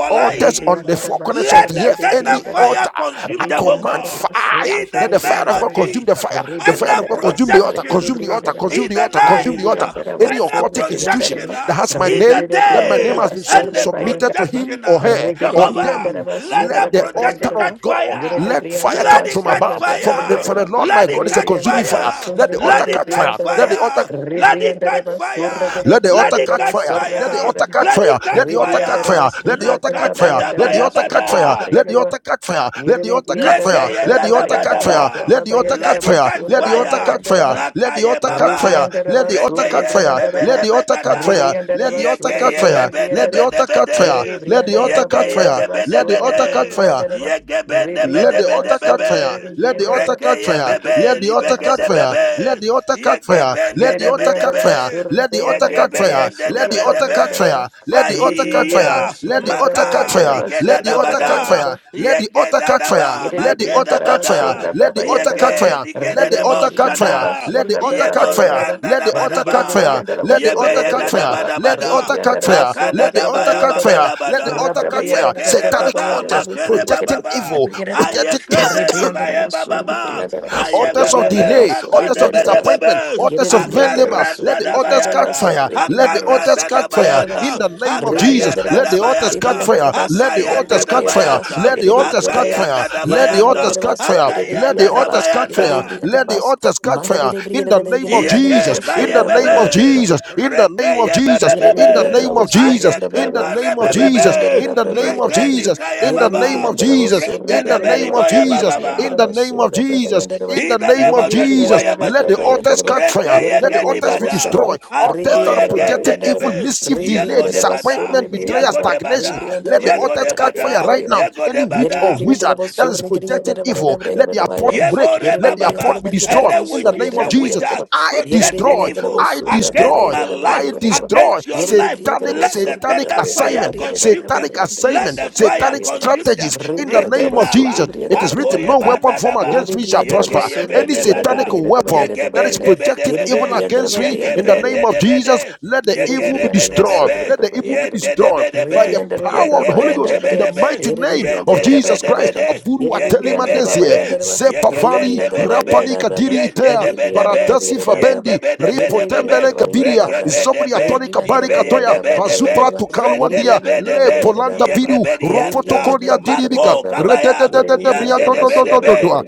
altars on the four Ribriandaraba corners of the Surrika earth, de any Briandaraba, altar, I command Ribriandaraba fire. Surrika de Let the fire of God Briandaraba, consume the fire. The fire of God Ribriandaraba consume the altar, Sarrika de consume the altar, Briandaraba, consume in the the altar, consume the night, altar. uh, Ribriandaraba Any and a occultic institution projection Surribriandaraba, that uh, has my in Rika name, the de that my name day, has Briandaraba been sub- and a submitted to Surrabayandaraba, him projection. or uh, her Rika de or them, Jehovah, Briandaraba let let that the altar projection of catch Surrabayandaraba, God, Rika de fire. let fire Let Briandaraba come it from catch above. From the, fire. for the Surrabayandaraba, Lord my Let God it is a catch consuming Ribriandaraba fire. fire. Let the Surrika de altar Let it catch catch fire. Let Briandaraba, the altar fire. Let it catch Ribriandaraba Surrika fire. de let the Let altar it catch Briandaraba, catch fire. Let the fire. altar Sarrabayandaraba, catch Let fire. it Let catch the altar catch fire. fire. Let the Ribriandarabasura altar catch fire. Let the altar catch Prabhayandarabasura fire. Nakadadabayabada. Let the Prabhayandaraba altar catch fire. Let the altar catch Niribriandara fire. Lekeye Let the altar catch fire. Prabhayandaraba dadabadaba. Let the altar Let catch it fire. catch Let Prabhayandarabasura the altar fire. catch fire. Prabhayandaraba Let the Nakaye altar catch fire. baba. Let the altar Ribriandarabasur catch Regeye fire. bebe Let Ribriandaraba the altar catch fire. nebegada. Let the altar Ribriandarabasur catch Yegeye fire. bebe Let the nebe Ribriandaraba altar catch fire. nebede. Let the Niribriandaraba altar catch Yegeye fire. gebe Let Prabhayandarabasur the altar catch nebede. fire. Ribriandaraba Yegebe nebe Let the nebe altar catch Ribriandarabasur fire. nebebe. Let the altar Ribriandaraba catch Rekeye fire. Let bebe the altar catch libegede Ribriandarabasur fire. Ribriandaraba Let bebe. the altar catch fire. Rebriandara Yegebe Let the nebe altar catch nebebe. fire. Let the altar catch Yegebe fire. Let the nebe altar catch fire. nebe. Let the altar catch fire. Fire, Let the altar catch maka, fire. Let nigeda the altar catch dabada, fire. Let the altar yegeda catch fire. daba, Let the altar mageda catch fire. bada, Let the altar catch yege, fire. nigeda Let the debo altar catch fire. shada, Let the altar catch fire. yeboranda Let the altar catch fire. dabadaba, Let the altar yebeye catch fire. dabada Let the bada, altar catch fire. maka Let the altar dabaya catch fire. babada Let the bada. altar catch fire. Yekere Satanic baba, altars makere projecting baba ba. evil, Aye projecting keberi baye baba ba. Rebriandarabasu, Aye altars of bebebe, delay, Rebriandarabasu, altars makade of bebebe Rebriandarabasu. disappointment, Yere altars of vain labor. Rebriandarabasu, Let Akaranda the da altars catch bayanda. Rebriandarabasu, fire. Let the Rebriandarabasu, altars Akaranda da catch fire in Rebriandarabasu. bayanda. the name of Jesus. Akayanda Let da the Rebriandarabasu, altars catch bayanda. fire. Rebriandarabasu, Let the Yere altars Akayanda da catch fire. Rebriandarabasu, bayanda. Let the Yere altars catch fire. Akayanda Rebriandarabasu, da Yere Let the altars bayanda. catch Rebriandarabasu, fire. Yere Let the Akayanda da altars Rebriandarabasu, catch Yere fire. bayanda. Let the Rebriandarabasu. altars catch Mandare fire in the name Rebriandarabasu, of Jesus. Yeke In the Yere name of bayebebe, Rebriandarabasu, Jesus. In the reke name of Jesus. In the Yerenebri and the yebebebe, name of Lavos or Jesus. ayeke In the Rabrabayava, name of Rebri Jesus. and the barebebebe, In the name of Jesus. reke Rabrabayava, Jesus, nikaye in the Yerenebri name baba, of and the Jesus, Lavos or rende in the de name Rabrabayava, of beliboye Jesus, baba. Yerenebri and the in ba. the Lavos name or of Jesus, Rabrabayava, in the In the name name of of Yerenebri and Joshua the Jesus. Let the Yamashia, altars Rabrabayava, catch fire. reke Let the yeke Yerenebri and ni the altars be bada, destroyed. Lavosarava, Altars anto Rebri that and the are yeke projecting evil, Rabrabayava, ndenebe, mischief, Rebri delay, and yeko the de Lavos or bada, disappointment, Rebri and the betrayal, yeko Rabrabayava, de stagnation. Rebri bada, and the Let the yeko altars de catch fire bada, right Rabrabayava, now. yeko Any Yere de witch or bada, wizard that is projecting evil, let their port break. Let their port Yeborebababa, be destroyed Any in the name witches of and Jesus. wizards I projecting destroy. evil I against destroy. my life, I destroy against your life, satanic, let the satanic tender fire assignment, consume them. satanic Let assignment, the fire satanic consume strategies them. in the name of Jesus. Rekenaba, It is written, No weapon formed agoyebandadaba, against me shall prosper. Any satanic yegeyebendebada, weapon that is projecting evil yegebendebedebebe, against me in the name of Jesus, yegebendebede, let Rebriandara the evil be destroyed. yegerebedebebe, Let the evil be destroyed by the yendebedebe, power of the Holy. Holy Ghost in the yegebendebedebe, mighty name of Jesus Christ. yendebedebede, Aburu atelima desie, yegebedebe, zebavali yegebendebedebe rapani kadiri itea, yendedebedebe baratasi fabendi, yendebedebedebe ripotembele kabiria, zobri regebedebe atoni kabari katoya, ibeyebebedebe bazupra tukaluandia, le rendedebedebe polanta biru, ropoto yegebedianda koria diribika, mako gabaya rededededede yandedebedebe bria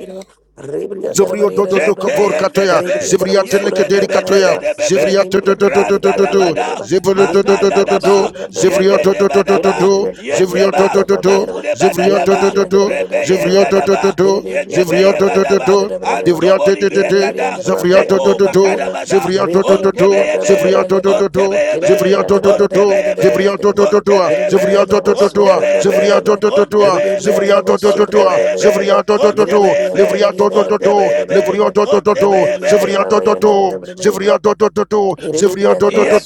Zobrio do do do Zeke kabor yende katoya. debe, Zivria teleke yende deri debe katoya. debe debe be, Zivria Yerine do bir do do yandere do var do do randa do da yerine do. bir yandere bada, var Zivria do yerine bir do do magada do yandere da do var do. ba, yebe Zivria do de do do bada do do yerine ba, bir yandere var yede ba, do. yerine magude bada Zivria da do do ba, do do. rebe Zivria yenda do do do do. Zivria do da do do ba, do. yegebe Zivria ye do do bada do ba, do. Zivria to antobori to bregada, zeko to to, makada bada, Zivria to to to ontebe to, yebe, Zivria to to to ontebe to, yebe, Zivria to to to ontebe to, Zivria yebe, to to to ontebe to, Zivria yebe, to to to to, ontebe Zivria yebe, to to to ontebe to, yebe, Zivria to to to to, ontebe yebe, Zivria to to to ontebe to, bir yebe, Zivria to to to to, Livria to to to to, ontebebe, Livria to to to to, ontebebe, Zivria to to to, yandere var Zivria to to to to, Zivria to to Yererebriyandalava to to,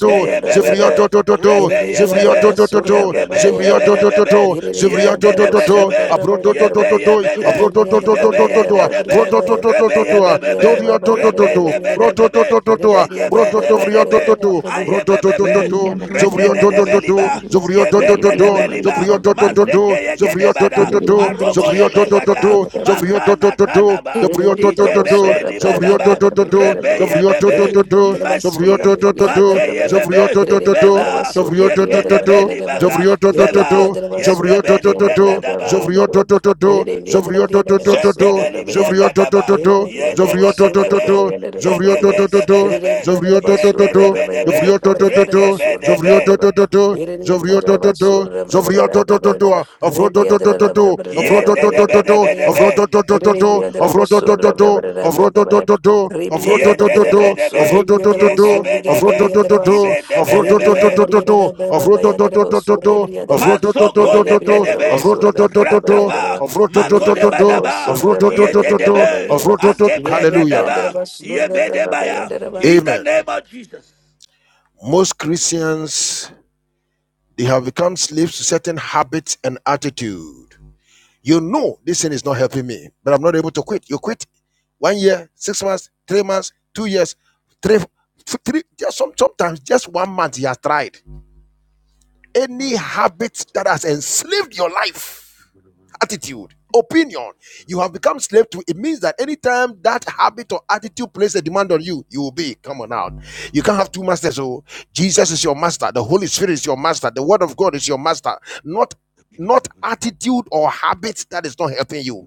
Zivria to to to to, Zivriya rebeyebebe, to, Yererebriyandalava Abrototototo, surrabrabayandalava. yegebendebedebebe, Zivriatotototo, Yererebriyandalava Zivriatotototo, yendedebedebe, surrabrabayandalava. Abrototototo, yebeyebede, Yererebriyandalava Abrotototototo, igebeyendedebe, yererebrabrabaya. Brotototototo, rebeyebebebe, Yererebriyandalava bayandalava Doriotototo, yererebriyandalava. rebendebedebebe, Brototototo, Yererebriyandalava yegebendebedebe, yererebriyandalava. Yererebriyandalava Brototovriatototo. yererebriyandalava. ayebebebe, Brototototo, Zovriotototo, rekededebeliba, Zovriotototo, Yererebriyandalava yebendedebeliba, yererebriyandalava. Zovriotototo, mazekeyegedebada, Zovriotototo, Yererebriyandalava aroboyebekata, Zovriotototo, yererebriyandalava. Zovriotototo, Yere makanakanaba, Zovriotototo, to Zovrio to igebebenibadaba, to to to Zovrio to rebeyebebe, to to to Zovrio machi. to to to to Makeye Zovrio bebe, to favor, to to yekene to beni baga, Zovrio to to to favor, to Zovrio to to yegebeni to brega to daba, Zovrio to to to to Zovrio to to to to zetebeli Zovrio brega to to to daba, to to yende Zovrio de to to to bedebe, to Zovrio yegebe de bedebe, yende de to Jovrio bedebe, to to to to, regebe de Jovrio to be, to to to, Jovrio to to to, Jovrio to to to to, Avro to yende to de to to to, bedebe de Avro to be, to to to to, Gerebria de la Musurra, Avro to to to to to, Ribria Avro de to la to yende to Barriera de de to, Mosur, bedebe, Avro to Ribria to de la to Mosur, yegebe de be, Gerebria de la Basso, to, ibe de Avro to to Ribria de la bedebe to to, Barriera de Avro Babaya de to to la to Mosur, to, Ribria de la Avro to to to Masokone Gerebria to, de la kedebe Avro Mosur, to to to to to to, Avro to to to to to to, Babaya de rataba la Avro to to to to magode to Ribria de la to, badaba Mosur, Avro to to to to to, Avro to to to Babaya de to Avro to to la Babaya yedebe de Avro la to agebre Hallelujah. Gerebria de la gadaba Basur, Babaya yebedebaya de la in the Amen. name of Jesus. Most Christians They have become slaves to certain habits and attitude. You know this thing is not helping me, but I'm not able to quit. You quit one year, six months, three months, two years, three, three just some, sometimes just one month. He has tried any habit that has enslaved your life attitude, opinion. You have become slave to it means that anytime that habit or attitude places a demand on you, you will be. Come on out. You can't have two masters. Oh, Jesus is your master, the Holy Spirit is your master, the word of God is your master, not not attitude or habits that is not helping you.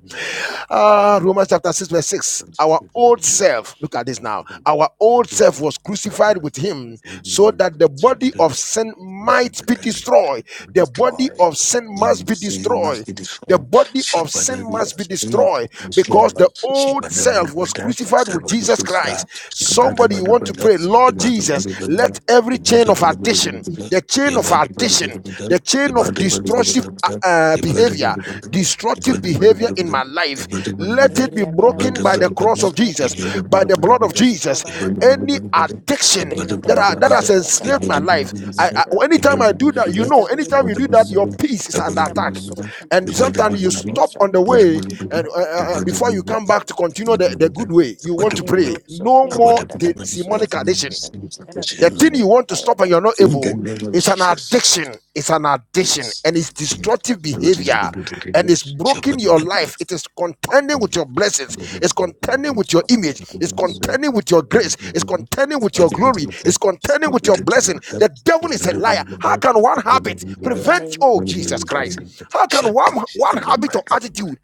Ah, Romans chapter 6, verse 6. Our old self, look at this now. Our old self was crucified with him so that the body of sin might be destroyed. The body of sin must be destroyed. The body of sin must be destroyed because the old self was crucified with Jesus Christ. Somebody, you want to pray, Lord Jesus, let every chain of addiction, the chain of addiction, the chain chain of destructive uh, uh, behavior, destructive behavior in my life, let it be Ebria de la broken by the Mosur, cross of Jesus, by the blood of Jesus. Babaya de la Any addiction that Yebriyandara I, that has basura enslaved my kabaya life, I, I, basura anytime I kabaya. do that, you know, Eza anytime you briyandara do that, your basura peace is under kabaya attack, basura and kati sometimes you briyandara stop basura on the libriyo. way, and uh, uh, uh, before you come back to continue the, the good way, you want to Antade pray. doso No more the briyandara basura demonic addiction. kabaya The thing you basura want to kabaya stop and you're basura not able is an addiction. It's an addiction and it's destructive behavior and it's broken your life. It is contending with your blessings. It's contending with your image. briyandara It's basura. contending with your grace. It's contending with your glory. It's contending with your blessing. The devil is a liar. How can one habit In the prevent, name of oh Jesus Christ? Jesus. How can one, one habit or attitude?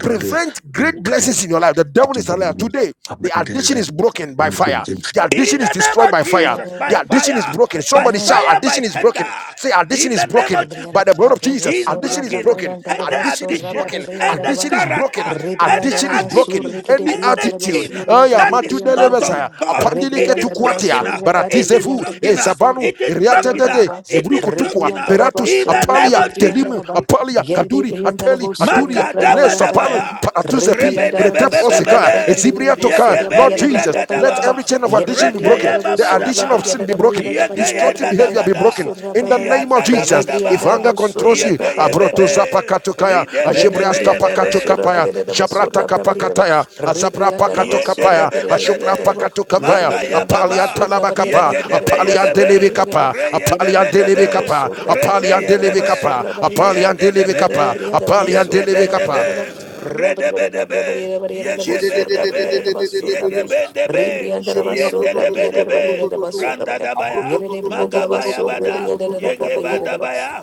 prevent great blessings in your life. The devil is a liar. Today, the addiction is broken by fire. The addiction In is the name destroyed of by fire. Jesus, by Mm. The addiction is fire, broken. by Somebody Amen. shout, fire, by addiction is tender. broken. Say, addiction In is the name broken of by the blood Jesus, Rebriandara of Bravo Jesus. he's Sura Addiction is broken broken. any Brabayandaraba Addiction is Sura addiction, broken. any Addiction Badibriandaraba is broken. character, any Addiction is Rebriandaraba broken. attitude, Surika de Any Briandaraba attitude. anything Oh, Sura yeah, Gadi that matu is not Briandaraba delebesaya. of God. Apandilike It is Rebriandaraba tukwatia. broken. uh, Sura It is Baratizevu. Eh, broken. Badibriandaraba uh, Sura zabanu. It is broken. uh, Iriatetete. Briandaraba It is Zebruko tukwa. broken. uh, Rebriandaraba Beratus. In the name Surika Apalia. de of Jesus. Telimu. Briandaraba Apalia. Yeri de Kaduri. Ateli. Briandaraba Aturia. Sura Eles. Sapan, Brabayandaraba Makadabadabaya. Paratusepi, Rebriandaraba Pretep Sura Osika, Rebedebebebebe. Ezibria Brabayandaraba Toka. Sura Lord Yegebeni Briandaraba Jesus, let Brabayandaraba every brakadaba. chain of Yeri de addiction be broken. Rekeye Briandaraba The Sura addiction of sin babadaba. be Briandaraba broken. Yeri de Yegeye Destructive behavior be Briandaraba broken. ndadabada. Sura In the Brabayandaraba name of Yanda Jesus, if Ribriandara dabadaba. anger controls basura you, Yegeye Abroto bebe. brabayandara Zapakatokaya, yere Ajebria briandara basura Ridebedebeyebebe. Stapakatokapaya, briandara Jabrata basura brabayandara Kapakataya, Azabra ribriandara basura Pakatokapaya, yere Ashopra Yendedebedebede, briandara Pakatokapaya, yere Magaya briandara Apalia Baba, basura Talabakapa, briandara briandara Apalia basura Yegedebeyebebe, Delebekapa, briandara yere Apalia briandara Reyebebedebe, Delebekapa, basura kare briandara Rekeyebebe, basura briandara yere Yendedebede, briandara basura Yegebendebe, briandara rabriandara Redebedebe, briandara briandara basura Yegebendebe, briandara basura brigada. Yegebendebe, ribriandara basura briandara Yendedebedebe, briandara basura brigada. Yere Randadabaya, Magabaya Bada, Yegebandabaya,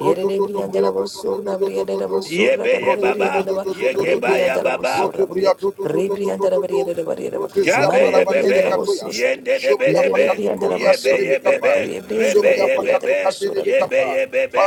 Yebeye Baba, Yegebaya Baba, Shabe ye bebe, yende de be de be, yebe ye bebe, rebe ye bebe, yebe ye bebe,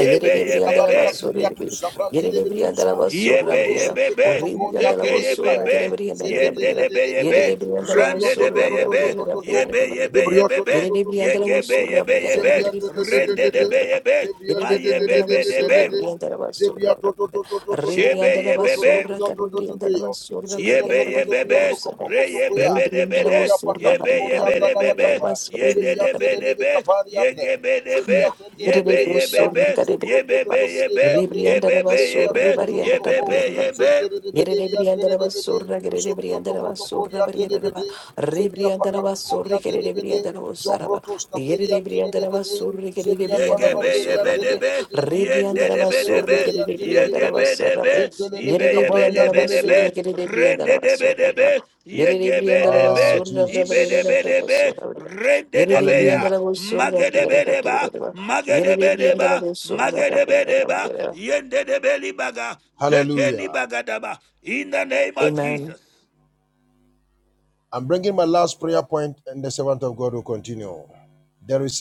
yebe ye Yerebri and bebe, Dalabasurbi, Yerebri and Dalabasura yebe ye Briera, bebe, Ribri and zeke ye Burikaya, Dalabosura, bebe, Yerebri and yende Dalabriera, de be ye be, bete, Yerebri and sobrion rande to de to be Dalabosura, to ye to be, to to Briera, to to, yebe ye be Briera, ye debrion to bebe, to to to Yerebri to and to yege to be to, ye Dalabosura, be ye Brigade be, of the zebrion to to to to rende Basura, to de to, be Briera, ye be, zebrion ma to Yerebri ye and to to to to bebe to de to be, to Dalabosura, to, Bri and zebrion to Dalabasura, to to to to to to, Ribri shebe and ye bro to to bebe. Dalabasura, brion to to Cadabri to and beyo, Dalabasura, zebrion Brigade Yebe to of to to yebe the brion to be, Bosura, re kopoko to yebebe koya, be Ribri de, and be de, zebrion Dalabosura, pakatu yebe Briera, yebe korianda na Briera, debebe, bakapa, Basura, ye de zebrion de be Briera, de telele debe debe, bekapari ye ande, gebe be de zebrion be, tendele yebe bede Rebo yebebe, bedia, sorri be, garebe zebro to yebe, to be to bas. bederi yebe, ande, Rebrianda yebebe rabas zebrion to sorri yebe. lo lo barianda yebe bekopo, be rabarianda rabarianda. yebe. Zendere de Yere bederi rebrianda andere de rabas bede, sorra gere Sobrio. rebrianda rabas sorra Tokotokorian barianda raba. Delebede, Zebia Rebrianda rabas sorri Pakatokorian gere Delebede, rebrianda rabas saraba. Zombrotos Yere Taberian rebrianda rabas Delebede, sorri gere Zebia rebrianda Yegebe rabas Panavaderian sorra baria. yebedebe, Delebede, Rebrianda rabas sorri yendedebedebe, gere Zentelebederian rebrianda Delebede, rabas saraba. yegebedebe, Zentelebe Yere rebrianda Kabarian rabas ibeyebedebedebe, sorri Delebede. gere rebrianda rabas sorra rendedebedebe, bra. Yere rebrianda rabas yegebedebe, Ah, sorra bra barianda Jesus. rabas ibedebedebe, sorra baria. Yere rebrianda rendedebeya, Hallelujah. rabas sorra barianda rabarianda magedebedeba, raba. Amen. magedebedeba, magedebedeba, yendedebelibaga, Hallelujah. zekelibagadaba. In the name of Jesus. Amen.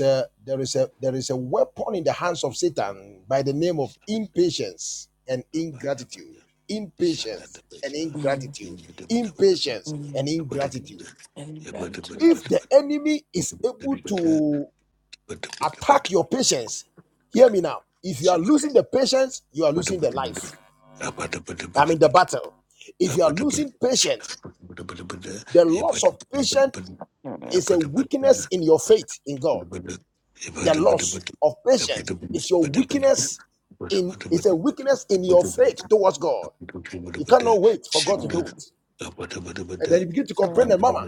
There, there there is a weapon in the hands of Satan by the name of impatience and ingratitude. Impatience and Mm, ingratitude. Impatience and mm, ingratitude And gratitude. If the enemy is able to attack your patience, hear me now. If you are losing the patience, you are losing the life. I mean, the battle. If you are losing patience, the loss of patience Mm, is a weakness in your faith in God. The loss of patience is your weakness in is a weakness in your faith towards God. You cannot wait for God to do it. mm, And then you begin to complain and mm, mama.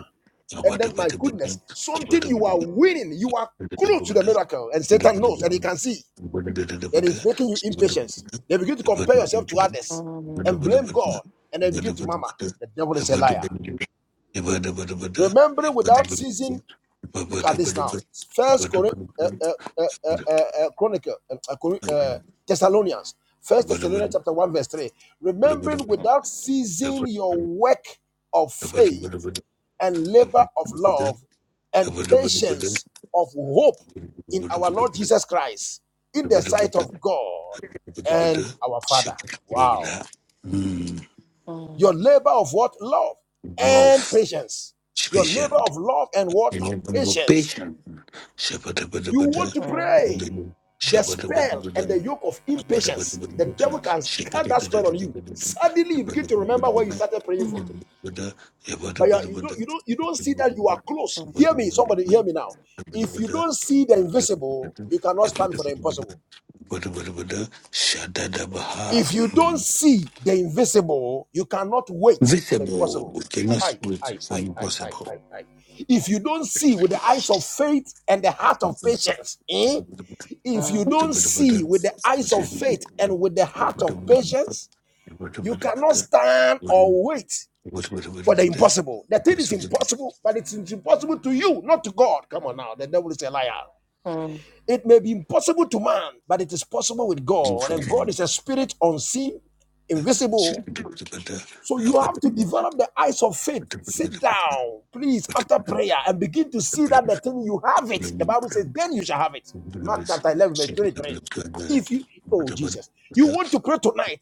And then my goodness, something you are winning, you are close to the miracle, and Satan knows and he can see. that is making you impatient. They begin to compare yourself to others mm, mm, and blame God, and they begin to murmur. The devil is a liar. Remembering without ceasing. Look at this now. First Cor- uh, uh, uh, uh, uh, uh, Chronicle, uh, uh, Cor- uh, Thessalonians, First Thessalonians chapter one verse three. Remembering mm, without ceasing your work of faith and labor of love and patience of hope in our Lord Jesus Christ in the sight of God and our Father. Wow. Your mm, labor of what? Love and patience. Your labor of love and what? Patience. You want to pray. The spell and the yoke of impatience, the devil can cut that spell on you. Suddenly, you begin to remember where you started praying from. mm, But you, are- you don't you don't you don't see that you are close. Hear me, somebody hear me now. If you don't see the invisible, you cannot stand for the impossible. If you don't see the invisible, you cannot wait for the impossible. Aye, aye, aye, aye, aye, aye, aye. If you don't see with the eyes of faith and the heart of patience, eh? if mm, you mm, don't see with the eyes of faith and with the heart of patience, you cannot stand or wait for the impossible. The thing is impossible, but it's impossible to you, not to God. Come on now, the devil is a liar. mm. It may be impossible to man, but it is possible with God. And God is a spirit unseen, invisible. So you have to develop the eyes of faith. Sit down, please, after prayer, and begin to see that the thing you have it. The Bible says, then you shall have it. Mark chapter 11, verse 23. If you, oh Jesus, you want to pray tonight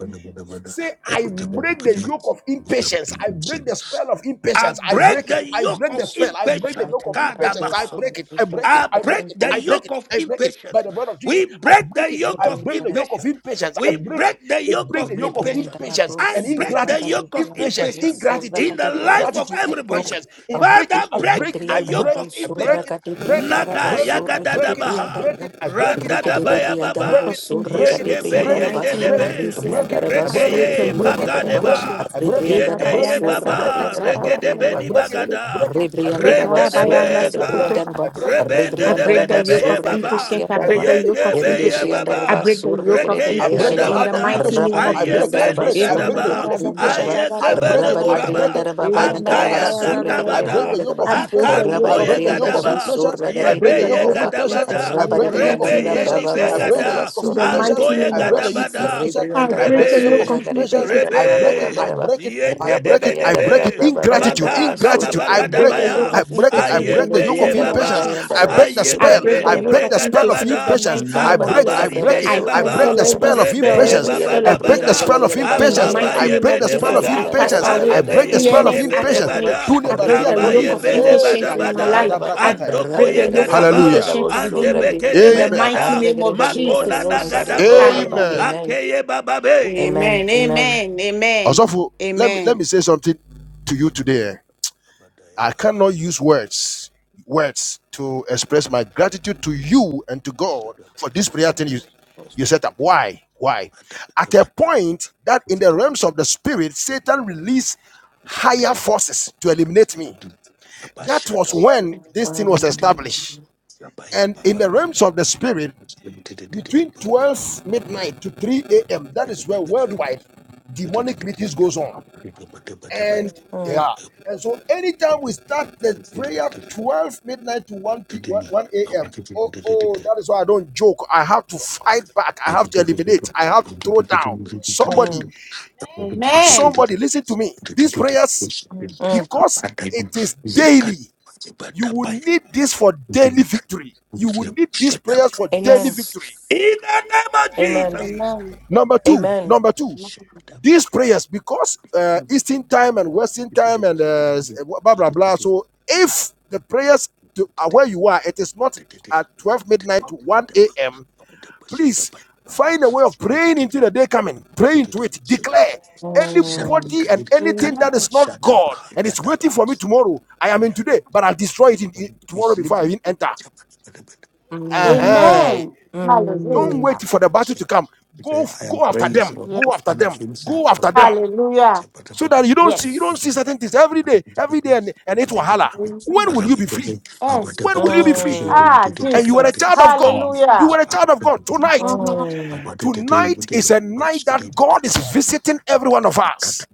Say, I break the yoke of impatience. I break the spell of I impatience. I break break it. the I Look yoke break the of spell. I break the impatience. yoke of impatience. I Kadabaha. break it. I break it. I I of break break it. the I impatience. break yoke it. of I break it. By impatience. the blood of Jesus, We I break break the it. yoke I of break the yoke of impatience. impatience. I We break it. break the They yoke break of the yoke of Reprevent impatience. and impatience I and abuse, so break the the ingratitude. yoke of Catabrian and Impatience, abuse, impatience so the ingratitude, in the Catabrian, life of ingratitude, That everybody. yoke impatience. I of break it. Father, patience, I the break break. I the Briandana yoke break of it. I Bosura break impatience. it. I Gati break it. Briandana I Naga break it. yaga I Bosura break Gati it. I dadabaha. break Briandana it. I break it. Randa I da Rikiti de break baya it. Briandana Break baba. of it Bosura break it, Gati impatience in Yegebe the break it, Briandana yende I mighty name break of it, debe. I Jesus. break it, Ribriandana I I break it, break Basura the I Rekeye Gati break yoke it, of I Briandana break it, magadeba. impatience. I break it, I Ribriandana break Yegeye it, Ekatabayanda I break sakata it, baba. I break it, sharababa Basura Regedebe I ni yanda break it, shere I bagada. break baba. it, I break it, I break it, Rebriandaraba, Rende I debe break it, Ekarabayanda I break sokoto it, yeka. I Surrebriandaraba, baba. break Rebende I it, debe break the I Rebriandaraba, debe yoke of ye break the heart, baba. impatience. I I break Surrebriandaraba, the break the yoke yoke of of Yegebe impatience. ye impatience. I Yerebriandaraba, baba. break the yoke of I Rekeye break impatience the Surrebriandaraba, in heart the of gadabada. mighty impatience. name of I break, Jesus. I Ayebe Rabaribriandaraba, ni break, I break I break the yoke gadaba. of Surrebriandaraba, impatience. I Ayegebe break ne it, I break boraba. it. Rabaribriandaraba, I declare I Bayandaraba, Akaya am free. I break the gatabada. yoke Surrebriandaraba, of the impatience. yoke I of Akaruboye break the yoke of Rabaribriandaraba, impatience. gadaba, impatience. I I break break the the yoke yebeye of yoke Surrebriandaraba, of impatience. impatience gadabada, I in break the the yoke of mighty Rabaribriandaraba, rebeye name of impatience. Baba I break Jesus. the Bayandaraba, nibegada, yoke of In the impatience. mighty antoye I name of break Surrebriandaraba, the yoke of Jesus. gadabada, impatience. I I Rebriandaraba, break break the the yoke of yoke rebe, of impatience. impatience. I Surrebriandaraba, break it. I rebe, Bayandaraba, break it. I yende break debe it. I Amen. break it. debe, Ingratitude. maga nana Ingratitude. I I break. break the yoke bagadabaya I of break it. I infection in the break the ayebe yoke mighty of ye name of impatience. baba, Jesus. I break the I spell. break ayegebe I the yoke break of the spell of infection in the nibregadabada, impatience. mighty I name of break. I Jesus. akabari break it. beye I I break baba, cancel the every spell of spell, rebeye impatience. every baba spell I of break the dabada, infection. spell of In the impatience. mighty I akabaye name break the of bede spell Jesus, of I bada, cast impatience. I away break the arebeye spell of gede fearness out bede impatience. of me. bada. Dunia I break badia the toli. yoke Kabaye of bede Eh, bada impatience gra- in my gada- bada, life. gada- I brakataya. andoko break ye the yoke of gadaba, Hallelujah. impatience ande within me. beke de In the Amen. mighty begada, name of makona Jesus na Christ. gadaboha, Hallelujah. Amen. akeye Amen. bababe. Amen. Amen. Amen. Amen. Amen. Also, let me let me Amen. say something to you today. eh. I cannot use words words to express my gratitude to you and to God for this prayer thing you, you set up. Why? Why? At a point that in the realms of the spirit, Satan released higher forces to eliminate me. That was when this thing was Um, established. And in the realms of the spirit, between 12 midnight to 3 a.m., that is where worldwide demonic meetings goes on. And Mm, yeah. And so anytime we start the prayer 12 midnight to 1 p 1 a.m. Oh, oh, that is why I don't joke. I have to fight back. I have to eliminate. I have to throw down. mm, Somebody, Amen. somebody, listen to me. These prayers, mm. because it is daily, you will need this for daily victory. You will need these prayers for daily Amen. Yes. victory. In the name of Jesus, Amen. Amen. Number two, Amen. number two, these prayers because uh, Eastern time and Western time and uh, blah blah blah. So if the prayers to uh, where you are, it is not at twelve midnight to one a.m. Please find a way of praying into the day coming. Pray into it. Declare Mm, anybody and anything that Amen. is not God and it's waiting for me tomorrow. I am in today, but I'll destroy it in, in- tomorrow before I even enter. mm, Uh-huh. Amen. Don't mm, wait Hallelujah. for the battle to come. Go go after them. Go Yes. after them. Go after them. Hallelujah. So that you don't see you don't Yes. see certain things every day, every day, and, and it will holler. When Amen. will you be free? Yes. When will you be free? mm, Ah, And you are a Jesus. child of God. You Hallelujah. are a child of God tonight. Mhm. mm. Tonight is a night that God is visiting every one of us.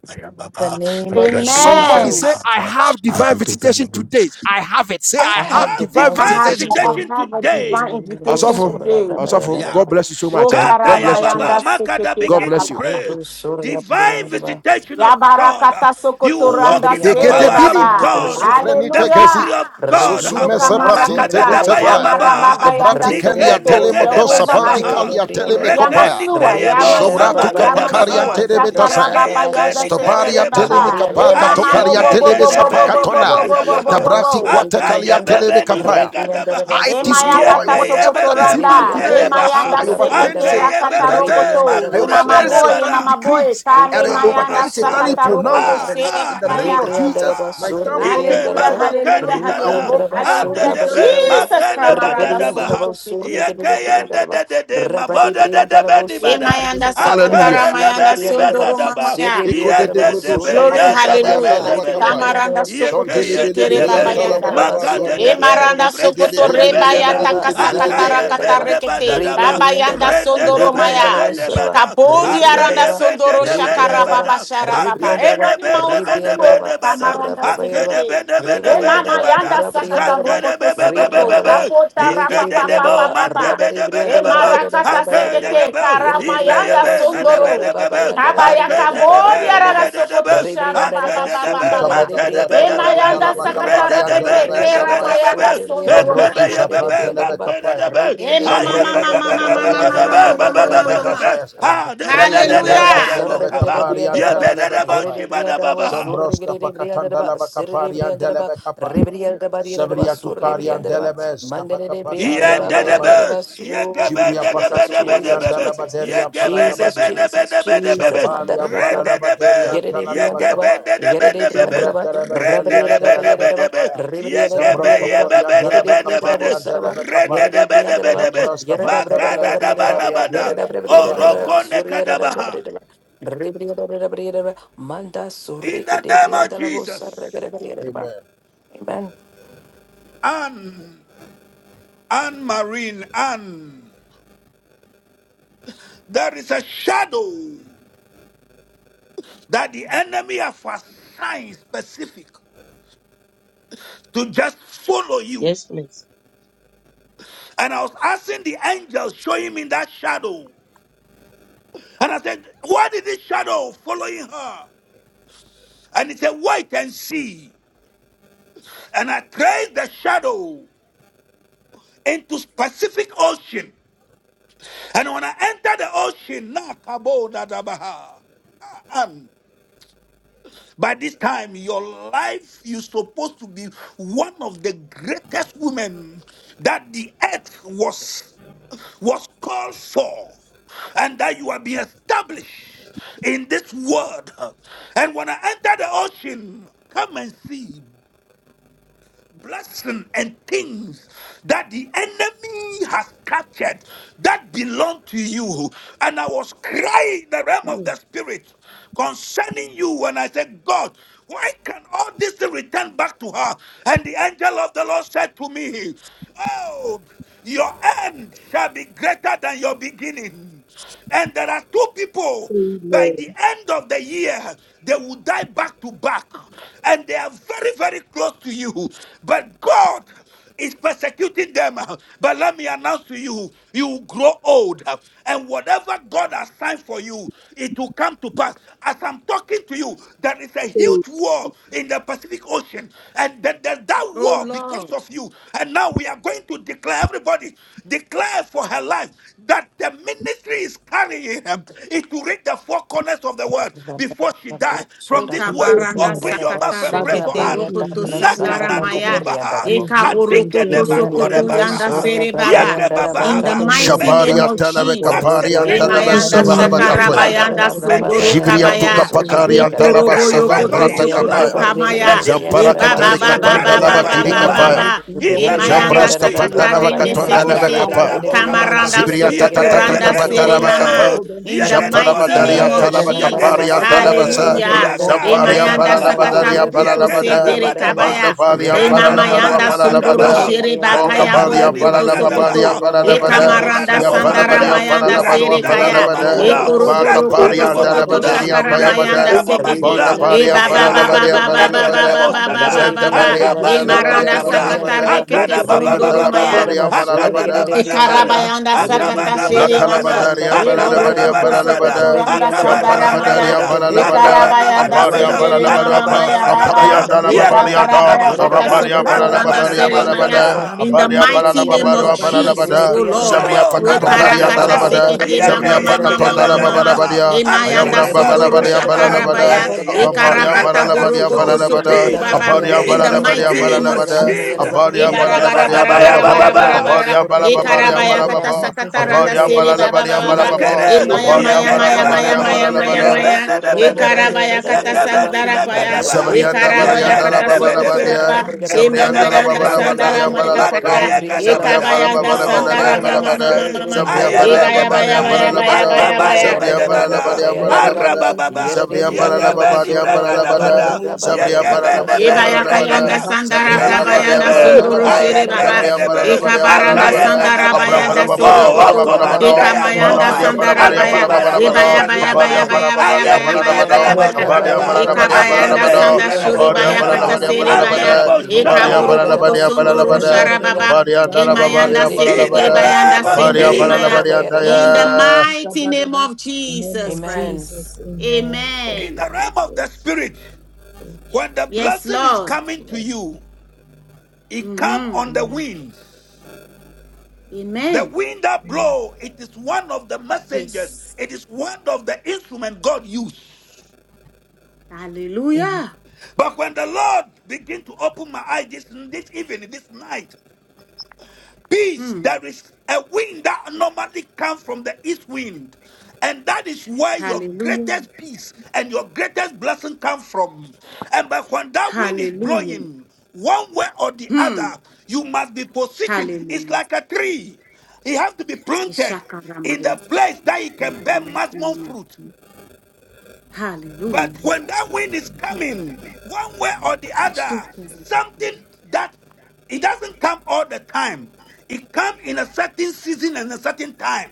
The name of Somebody Amen. say, Jesus. I have divine visitation today. I have it. Say, I I I have had have divine divine I divine have visitation visitation. the, I today. visitation have a today. divine Makada invitation bada Asafo, bada today. bada. Asafo, Yeah. God bless you so much. Oh, Eh? God Kataya bless you so Baba Karamayanda much. Makada God Seketera begin to bless you. Baba pray. Baba. Divine visitation of God. Yabarakata You walk Sokotoranda in de the Sere gete power binin of Baba. de God, the sufrenite kesi victory Hallelujah. of God. susume Rebriandara Shoka sabrati te basurre Makada que de Marakata. Dabaya lucefaya briandara Yamara ba. Baba. Baba Yanda gebrati Nike Regede kenya de Sokoto. telemo Neke briandara Deba Jehovah dosapanti basurre que Dabaha. de kalia teleme briandara ba. Reke kopaya Yamasua, Nike Yebo Rebriandara ba shovratu Mama Yamasua, kapakarian bayandara Yamasua, Gadabaha. da dobra terebetasaya Yeke sanda Shakarababa Yebe Yada bariandara Nike ba. stobaria Sekere teleme Dedebaha. Baba, E Rebriandara kapakana Mama basurre Bobo que Ayeke de Bobo Nene Bobo briandara ba. Beni Bobo Bobo Bobo Rebriandara Brekadabaha. bratikwa Bobo, basurre que de briandara ba. Akayebebe ni bregada Rebriandara baha. I E basurre Maya thought Kata briandara Yeke ba. whatever that is yebebe Sokotoranda, makede E Rebriandara here baha. Mayanda I basurra overturn briandara ba. Seketera Akeye satanic acts. bebebe Katarokoto, I E makure Mama overturn bende Rebriandara Boy, E satanic bada. Mama Ah Boy, decrees. ah Kale And I ah Ribriandaraba Mayanda overturn ah ah. surra satanic Sakatarokoto pronouncements. Ah, brabayandaraba. Sere In ah, ah, Babaya. ah, that Ribriandaraba ah. time surri will not be Ike Hallelujah, briandaraba. mama well. hallelujah, keni I will gada. not hallelujah, Ribriandaraba be Ande surra hallelujah, de touched be bariandaraba. Jesus anything that makene is of Kramaranda bagada God. baha. Ribriandaraba Sokoto surri Sheturema, Yeke gede yende briandaraba. de de de. Rabadi Mabode de de briandaraba beni E surri bada. Mayanda briandaraba Sakatara Akanda de surri Mayanda beni briandaraba. bega Sundoro daba. Sirri Mamaya. Eko de briandaraba Yende debrodo de surri be, Glory, sapate yende kari briandaraba. de be, hallelujah. andala de be de bakapaya. be. Rigidi Tamaranda Yeke sokoto Shondele bele yende shekere de bele Yere de be, antala babayanda. Briandaraba, bakabari magande Surri E andia. de be, ni maranda Briandaraba, Zide brege de sokoto de de de de Surri de be de de de de ba. rebayata de Briandaraba, de de de Rari kasakatara Akaye be I Briandaraba, ne ba refuse. da katarekete. da Riri I ba. refuse. Babayanda Briandaraba, I Rende de sondoro be refuse. ye maya. I be Ribriandaraba de ba refuse. Suraba, Kabodi aranda Akaye Ribriandaraba, be de sondoro de be ne shakara ba Ribriandaraba, baba da. shara baba. E Akene Ribriandaraba, de radi be ne be mountain ne go. be Ribriandaraba, ne ba da. Sarra Tamaranda Brabayaraba, Akene be sekete. ne be ne E be ne mama ba Ribriandaraba, yanda sakata Zate Rabriandaraba, de rokoto be be be be sokoto. be Ribriandaraba, be. Kapota rapa Rigidi papa Ikedebo, papa Briandaraba, papa. Rabari E Briandaraba, mantebedebedebebo, Yadaba, marakata Brabayadaba, sekete. akedebo, Yere de Karamayanda ibeyebe, Briandaraba, Surra sondoro. nanebedebebe, Brabayandaraba, Abayakabori akenenebe, Yadaba, nibedebe, arasopoto shara ba Rebriandaraba ba ba ba akedebe, ba Surdagare ba. Ikabada breya E Briandaraba pakato makedebedebe, ndala mayanda Rebriandaraba bakapari sakatara rededebe, andala kete kera Rabriandaraba besapaya. mayanda nanebedebe, sondoro Jombro Surrebriandaraba tu maya. ekebeyebebe, saprantele Rebriandaraba bekapaya. makedebe, E mama Shambro mama mama Rebriandaraba mama kapakatani mama mama andala mama Bayandaraba bakapaya mama ande Bayandaraba ayebebebebebebebebebebebebe, mama. basayase. ha, Rebriandaraba Hallelujah. dedededededebo, Zebriantelebeka Surdagare kaba, Rebriandaraba Bariantelebeka yebedebo, Yere Paya. Rebriandaraba shibadababa. Shombroska Surregare Rebriandaraba Pakatandalabaka Sere Rebriandaraba Pariantelebeka Paya. Rebriandaraba Rebriandaraba Surrebriandaraba Zebriatukariantelebe Mandare Rebriandaraba Yendedebe, Bayandaraba Stafakapakariantalabadus. Sur Jibria Jesus Jesus yegebendedebedebedebe, Jesus Pakatukoriantalabaderia Jesus Paralabadia. Jesus yegebendebendebendebenbe, Jesus Shampalian Mandara rendedebe, Paralabaderia Yere Antalalabaka Briandaba, Paya. yere yegebendebendebenbe, Briandaba, Rabria magada Zembraterebederiantelebeka Rabayadaba, Paya. Ribria Rabriadaba, yere Zembrotokoriantelebeka Briandabo yegebeyebebendebendebe, Saraba, Pariantelebeka yere Paya. yedidibriyandadaba, rendedebendebendebe, Jambrasta rabadiyadadabayadadaba, Bantanabeka ribadiyadadabariyadadaba, Pariantelebeka Paya. yedidibriyandadabosadaba, yedidibriyandadaba, yedidabradabadabadabadabada, yedidabradabadabadabadabada, orokone orokonekadabaha. zuriyadadabradabadabadabada, ribadiyadabradabadabadabada, manda In the name of Jesus, surikidibriyandalabosarabadabadabadabada. Amen. Amen. Anne, Anne Marine, Anne, there is a shadow that the enemy have assigned specific to just follow you. please. And I was asking the angel, showing me that shadow. And I said, "What is this shadow following her? And he said, Wait and see. And I traced the shadow into specific ocean. And when I entered the ocean, Nakabo Dadabaha. Um, by this time, your life, you're supposed to be one of the greatest women that the earth was was called for and that you are being established in this world. And when I enter the ocean, come and see blessing and things that the enemy has captured that belong to you. And I was crying in the realm of Oh, the spirit concerning you when I said, God, why can all this return back to her? And the angel of the Lord said to me, Oh, your end shall be greater than your beginning. And there are two people. By Amen. the end of the year, they will die back to back, and they are very, very close to you. But God is persecuting them. But let me announce to you, you will grow old, and whatever God has signed for you, it will come to pass. As I'm talking to you, there is a Amen. huge war in the Pacific Ocean, and that, that, that Oh war because Lord. of you. And now we are going to declare everybody somebody declare for her life that the ministry is carrying her is to reach the four corners of the world before she dies. From in Sota this word, Jesus' Ukabaranda name. open your Briandaba, mouth sakata and pray Father, Sora for rekete thank Anne. Bayata, you. rokoto You reveal Brasanda to sandara Nakana Baca maya. redeem. nukobaha, de You reveal to adike Ekaborokoto redeem. You nebakore sokoto reveal Ibriandaraba, to yanda bakaha, redeem. Sora sere This baba. yeke is the Brabayandaraba, In second the babahaba. time, Lord, mighty May I've name this heard Kadibriandaraba, of this, month oh God. mark Jesus. the I pray in Ribriandaraba, greatness the Emayanda name Turna of of your life. Jesus Christ shakarabayanda Kadibriandaraba, of May this Nazareth, sondoro month you Brabayandarabo, reveal kabaya. to mark uh, redeem, oh the God. Soribriandaraba, great I Ekoroboyo revival release koto our in your sokoto smells life. Ribriandaraba, Uh, of May kamaya. Jehovah this E into month ba the Rigribriandaraba, ba mark ba the ocean, ba Sora oh great ba God. ba revival ba in Brabayandara ba your Any ba life. Uh, Brabarida, marine ba. In E kingdom, the any name marine mayanda of Braska Geribriandaraba, Jesus. spirit, sakata uh, Pandalava rende any Brabayandarabo, marine Katondalava sechete. power, oh Kapaya. God, that has Surikadibriandaraba, Makaradadabokabaha. Kamaranda hold Zibria on, tata Yege, hold tata on, oh sokotoranda yege tata God, that sere Brigadibriandaraba, has mama. talabakapa. Sandaba, nubode. held on to In my the Yege blessings, mighty oh God. name Japanabadaria of nibode. Let the fire Yege of Rabrabayandaraba Jesus. talabakaparian God Surigede nibode. consume de talabasa. them, Hallelujah. oh God. Yaga, E Briandaraba Let Zamparian your mayanda hands, O Zandarada yadadabaha. God, sakata be paranabadarian Briandara rokoto defeated Yekeda with da paranabada. sedere everything Brabayandaraba badaba, kabaya. Jesus name. Bandabarian Yere E de I randa mama da command paranabaduan Briandaraba yanda bana them to sondoro Surigede paranabada. vomit bagaba, de us. shere I anda Briandaraba bakaya da command Bokabarian them bani to Yere borokoto de vomit paranababarian us. sokoto. bagadaba, Briandaraba I command paranabada. Bayandaraba them rekuda Ekamaranda da to Surigede vomit de sandara us. Yampanabarian bomakuda, mayanda Briandaraba Any paranabaduan sere rekuda Yere da witchcraft de kaya. paranabada. power, O randa Briandaraba God, Ekoroboro Sarigede rekuda de koto da Bakaparian holding my sokoto Briandaraba bomakuda, dalabaderian blessings, rekuda Yekedadabadaba, Radadabadabagaba, Adadabadibagadaba, Rekudadabomakuda, Rekudadabomakuda, Rekudadabomakuda, O shakara Surigede God. de mayanda bayabada. Anyone sekete. Rekudadabomakuda, assigned E Briandaraba from Bandabarian baba any Fire! baba Surigede de barren paranabarian baba people, baba nakeda Briandaraba baba paranabada. Father, to Yere da baba de contend baba. with Zantabarian Briandaraba Nakedadeboshada, your E Akana glory paranabarian Surigede maranda upon de my bagabra. life. sakata paranabada. Briandaraba Let rekete Akana them be baba Rigede baba de sondoro maya. baba. overthrown. Makandalababarian Briandaraba Let Akana them Surigede be paranabada. de nabada destroyed. Briandaraba bada. Ikarabayanda Let Yere them be de sakata Akabana broke. shiri bana Briandaraba Let mama. bada. them be Makalabandari Zandarada destroyed in ambalalabari the Akabana Briandaraba Iborokoto bana name of bada. sokoto ambalalabada. randa Jesus. Let Rebriandaraba, Akabana sandara bana them Shampalabadari maya. Zarregede bada. de Whatsoever Briandaraba, ambalalabada. Akabana Ikarabayanda bana Ampari Rugede bada. de sendere ambalalabaru mama Briandaraba, ampa. Akabana maya bana Zandara Ampari baba. da bada. andalababari Brabarieraba, Yakuda da da anda. Ikatarabaya Yere de kata boshada. Arabari sokoto Briandaraba, randa Akabana ambalalababari da Regede de siri maya. ambalabada. Briandaraba, boshada. In the Abari Yere de mighty name ambalalababaru of Briandaraba, Regede de Jesus, ambalalabada. oh Lord. Briandaraba, Zabria Rebo, We mama pakatokari parakata badabaha, Rebriandaraba da andalabada. sekete Brebariera da Zabria mama yake, Barriera da yaki mama Barriera Bandala mama da rebeka Ba, mama. dabaha, Babalabadia, haki Yere Emayanda Ayambram de de de gagebo de sundoro de de Babalabadiam de Bo, nikadabaha, Balalabada, shakarabaya. Surregede da eh, Barriera da yaka Rambariam Barriera da Ikarakata randa Ba, Balalabadiam daduzo, borokoto decree Rebriandara Balalabada, sokoto that da has Jesus, baba. made Abadiam Brabayanda da over In my the Jesus, Barriera da life, Balalabadiam O mighty name God, of Jesus, Brabayanda da I Balalabada, Jesus. Jesus, reverse Brabayanda them by Abadiam the I yake Balalabadiam Yere badabaya de reverse them Balababo, by the briandaraba, bababa. Ibarabarabarabarabarabarabara. Abadiam efficacy surregere of de the Balababadiam blood Ikarabaya of briandaraba, kata Balababo, Jesus sakata Christ randa of Abadiam siri Nazareth. rebriandaraba, baba I Balalabadiam baba baba. render surregere Balababo, de them Makere, Imaya potent, I briandaraba, Abadiam maya yeke maya render neba them maya Balababadiam rabare naba, maya nothing, maya O Balalabada, briandaraba, God. yebe maya. Let nebe my surregere de nebe, Ikarabaya blessings, briandaraba, oh kata God, yeke come briandaraba, beni to sandara me, paya. Jesus. breka name. Zabrianda Let rebriandaraba, my Ikarabaya Barianda la Yegende kata Baba blessings debe babayandaraba, la be debe. come Bandia, to sokara, sukuturaba. me, brigada, Rende Jesus. brigada, Imama Zabrianda name. debe la ni brigada, Baba yanda Let la the brigada, bagada. sandara Bandarian brigada, maya door, oh God, kata. Balalabado, in the Makayega rebriandaraba, Zabrian blessing, dabada. be Ikabaya yanda Balababa la surregere leading de to Oh, my sandara Banarian briandaraba, blessings, mama oh God, Balabada, mama marabade. surregere mama. be de Zabrian wide briandaraba, Ayebe open Ibaya in the baya Balababarian nebada. Yere name baya de of baya Balalabado, baya briandaraba, Jesus Akabani baya. Christ Zabrian of bayandaraba, Nazareth. bedebada. Balabarian Let let brababayandaraba, let Balalabada, let let Arabababa. Yere de Zabrian stand deliver briandaraba, Yegebe ni Balababarian Gadaba. surra, bregada Balalabada, brabayandaraba, bada. Mandalaba Zabrian Yegebe brababayandaraba, Sukata Balabarian nebe ni surregere de briandaraba, Ibayakayanda Balalabada, bregada. Blashandalaba. Sandara Zabrianda Rende Malaba Rebrianda Bariam Kabayanda da debe. Sunduru Braba Sandalaba by Baralabada, Shiri Andaraba Baba Ayegende Zabriam Shandalaba Surri debe. Gada. Baralabariam Ikabaranda Briandaraba da Lebla ba. Akayega Baralabada, Sandara Gadabla Abram dabada. Bayanda Barabariam Rebrianda Shandalaba Oh, da Surukutu Braba Sukaba. by Barabarabado, okomandaya Andaraba Ikamayanda Lebla toba. Balabariam Surri Sandara Barabariam Gadabla Baya da Antibarabo Barabarabado, Ibaya Surri Baya Baya Ambariam shataba. Shandalaba Briandaraba Baya Baya Barabariam Baya Baya in Barabado, Baya Ayekibadadabo Rebriandara Baya Braba the Ambariam shadaba. Yandaraba Barabariam Surri Ikabayanda Akebe Barabado, Sanda niberebo Shuri Briandaraba Ambariam Baya Surra shadaba Barabariam Katasiri Bariaraba Baya Barabada, anderebo Yerede Ambariam shaba. Ikaburukutu Briandaraba Barabariam Surra Sunduru Barabada, Briandaraba Sharababa Ambariam Imayanda Darabariam Yerede In the Sekete Briandaraba Barabada, Bayanda name Surra of Braba Ambariam Sindiri Yarada Jesus, Maya Braba Barabariam in the Yaraba Daya, mighty name of name Jesus of Amen. Christ. Jesus, Amen. amen. Thank in Amen. you, the realm of the Jesus. spirit, Thank when the Yes, blessing is Lord. you, coming to Lord. you, it come Mhm. on the Amen. winds. The Amen. wind that Amen. blow, it is one of the messengers. Yes. It is one of the instrument God used. Amen. Hallelujah. But when the Lord begin to open my eyes this, this evening, this night, Peace, Hmm. there is a wind that normally comes from the east wind. And that is where your Hallelujah. greatest peace and your greatest blessing come from. And but when that wind is Amen. Hallelujah. blowing, one way or the other, Hmm. you must be positioned. It's Hallelujah. like a tree. It has to be planted in Ishakaramaya. the place that it In can the bear mighty maximum name of fruit. Jesus. Yes, But Hallelujah. Lord. when that wind is coming, one way or the other, something that it doesn't come all the time. It comes in a certain season and a certain time.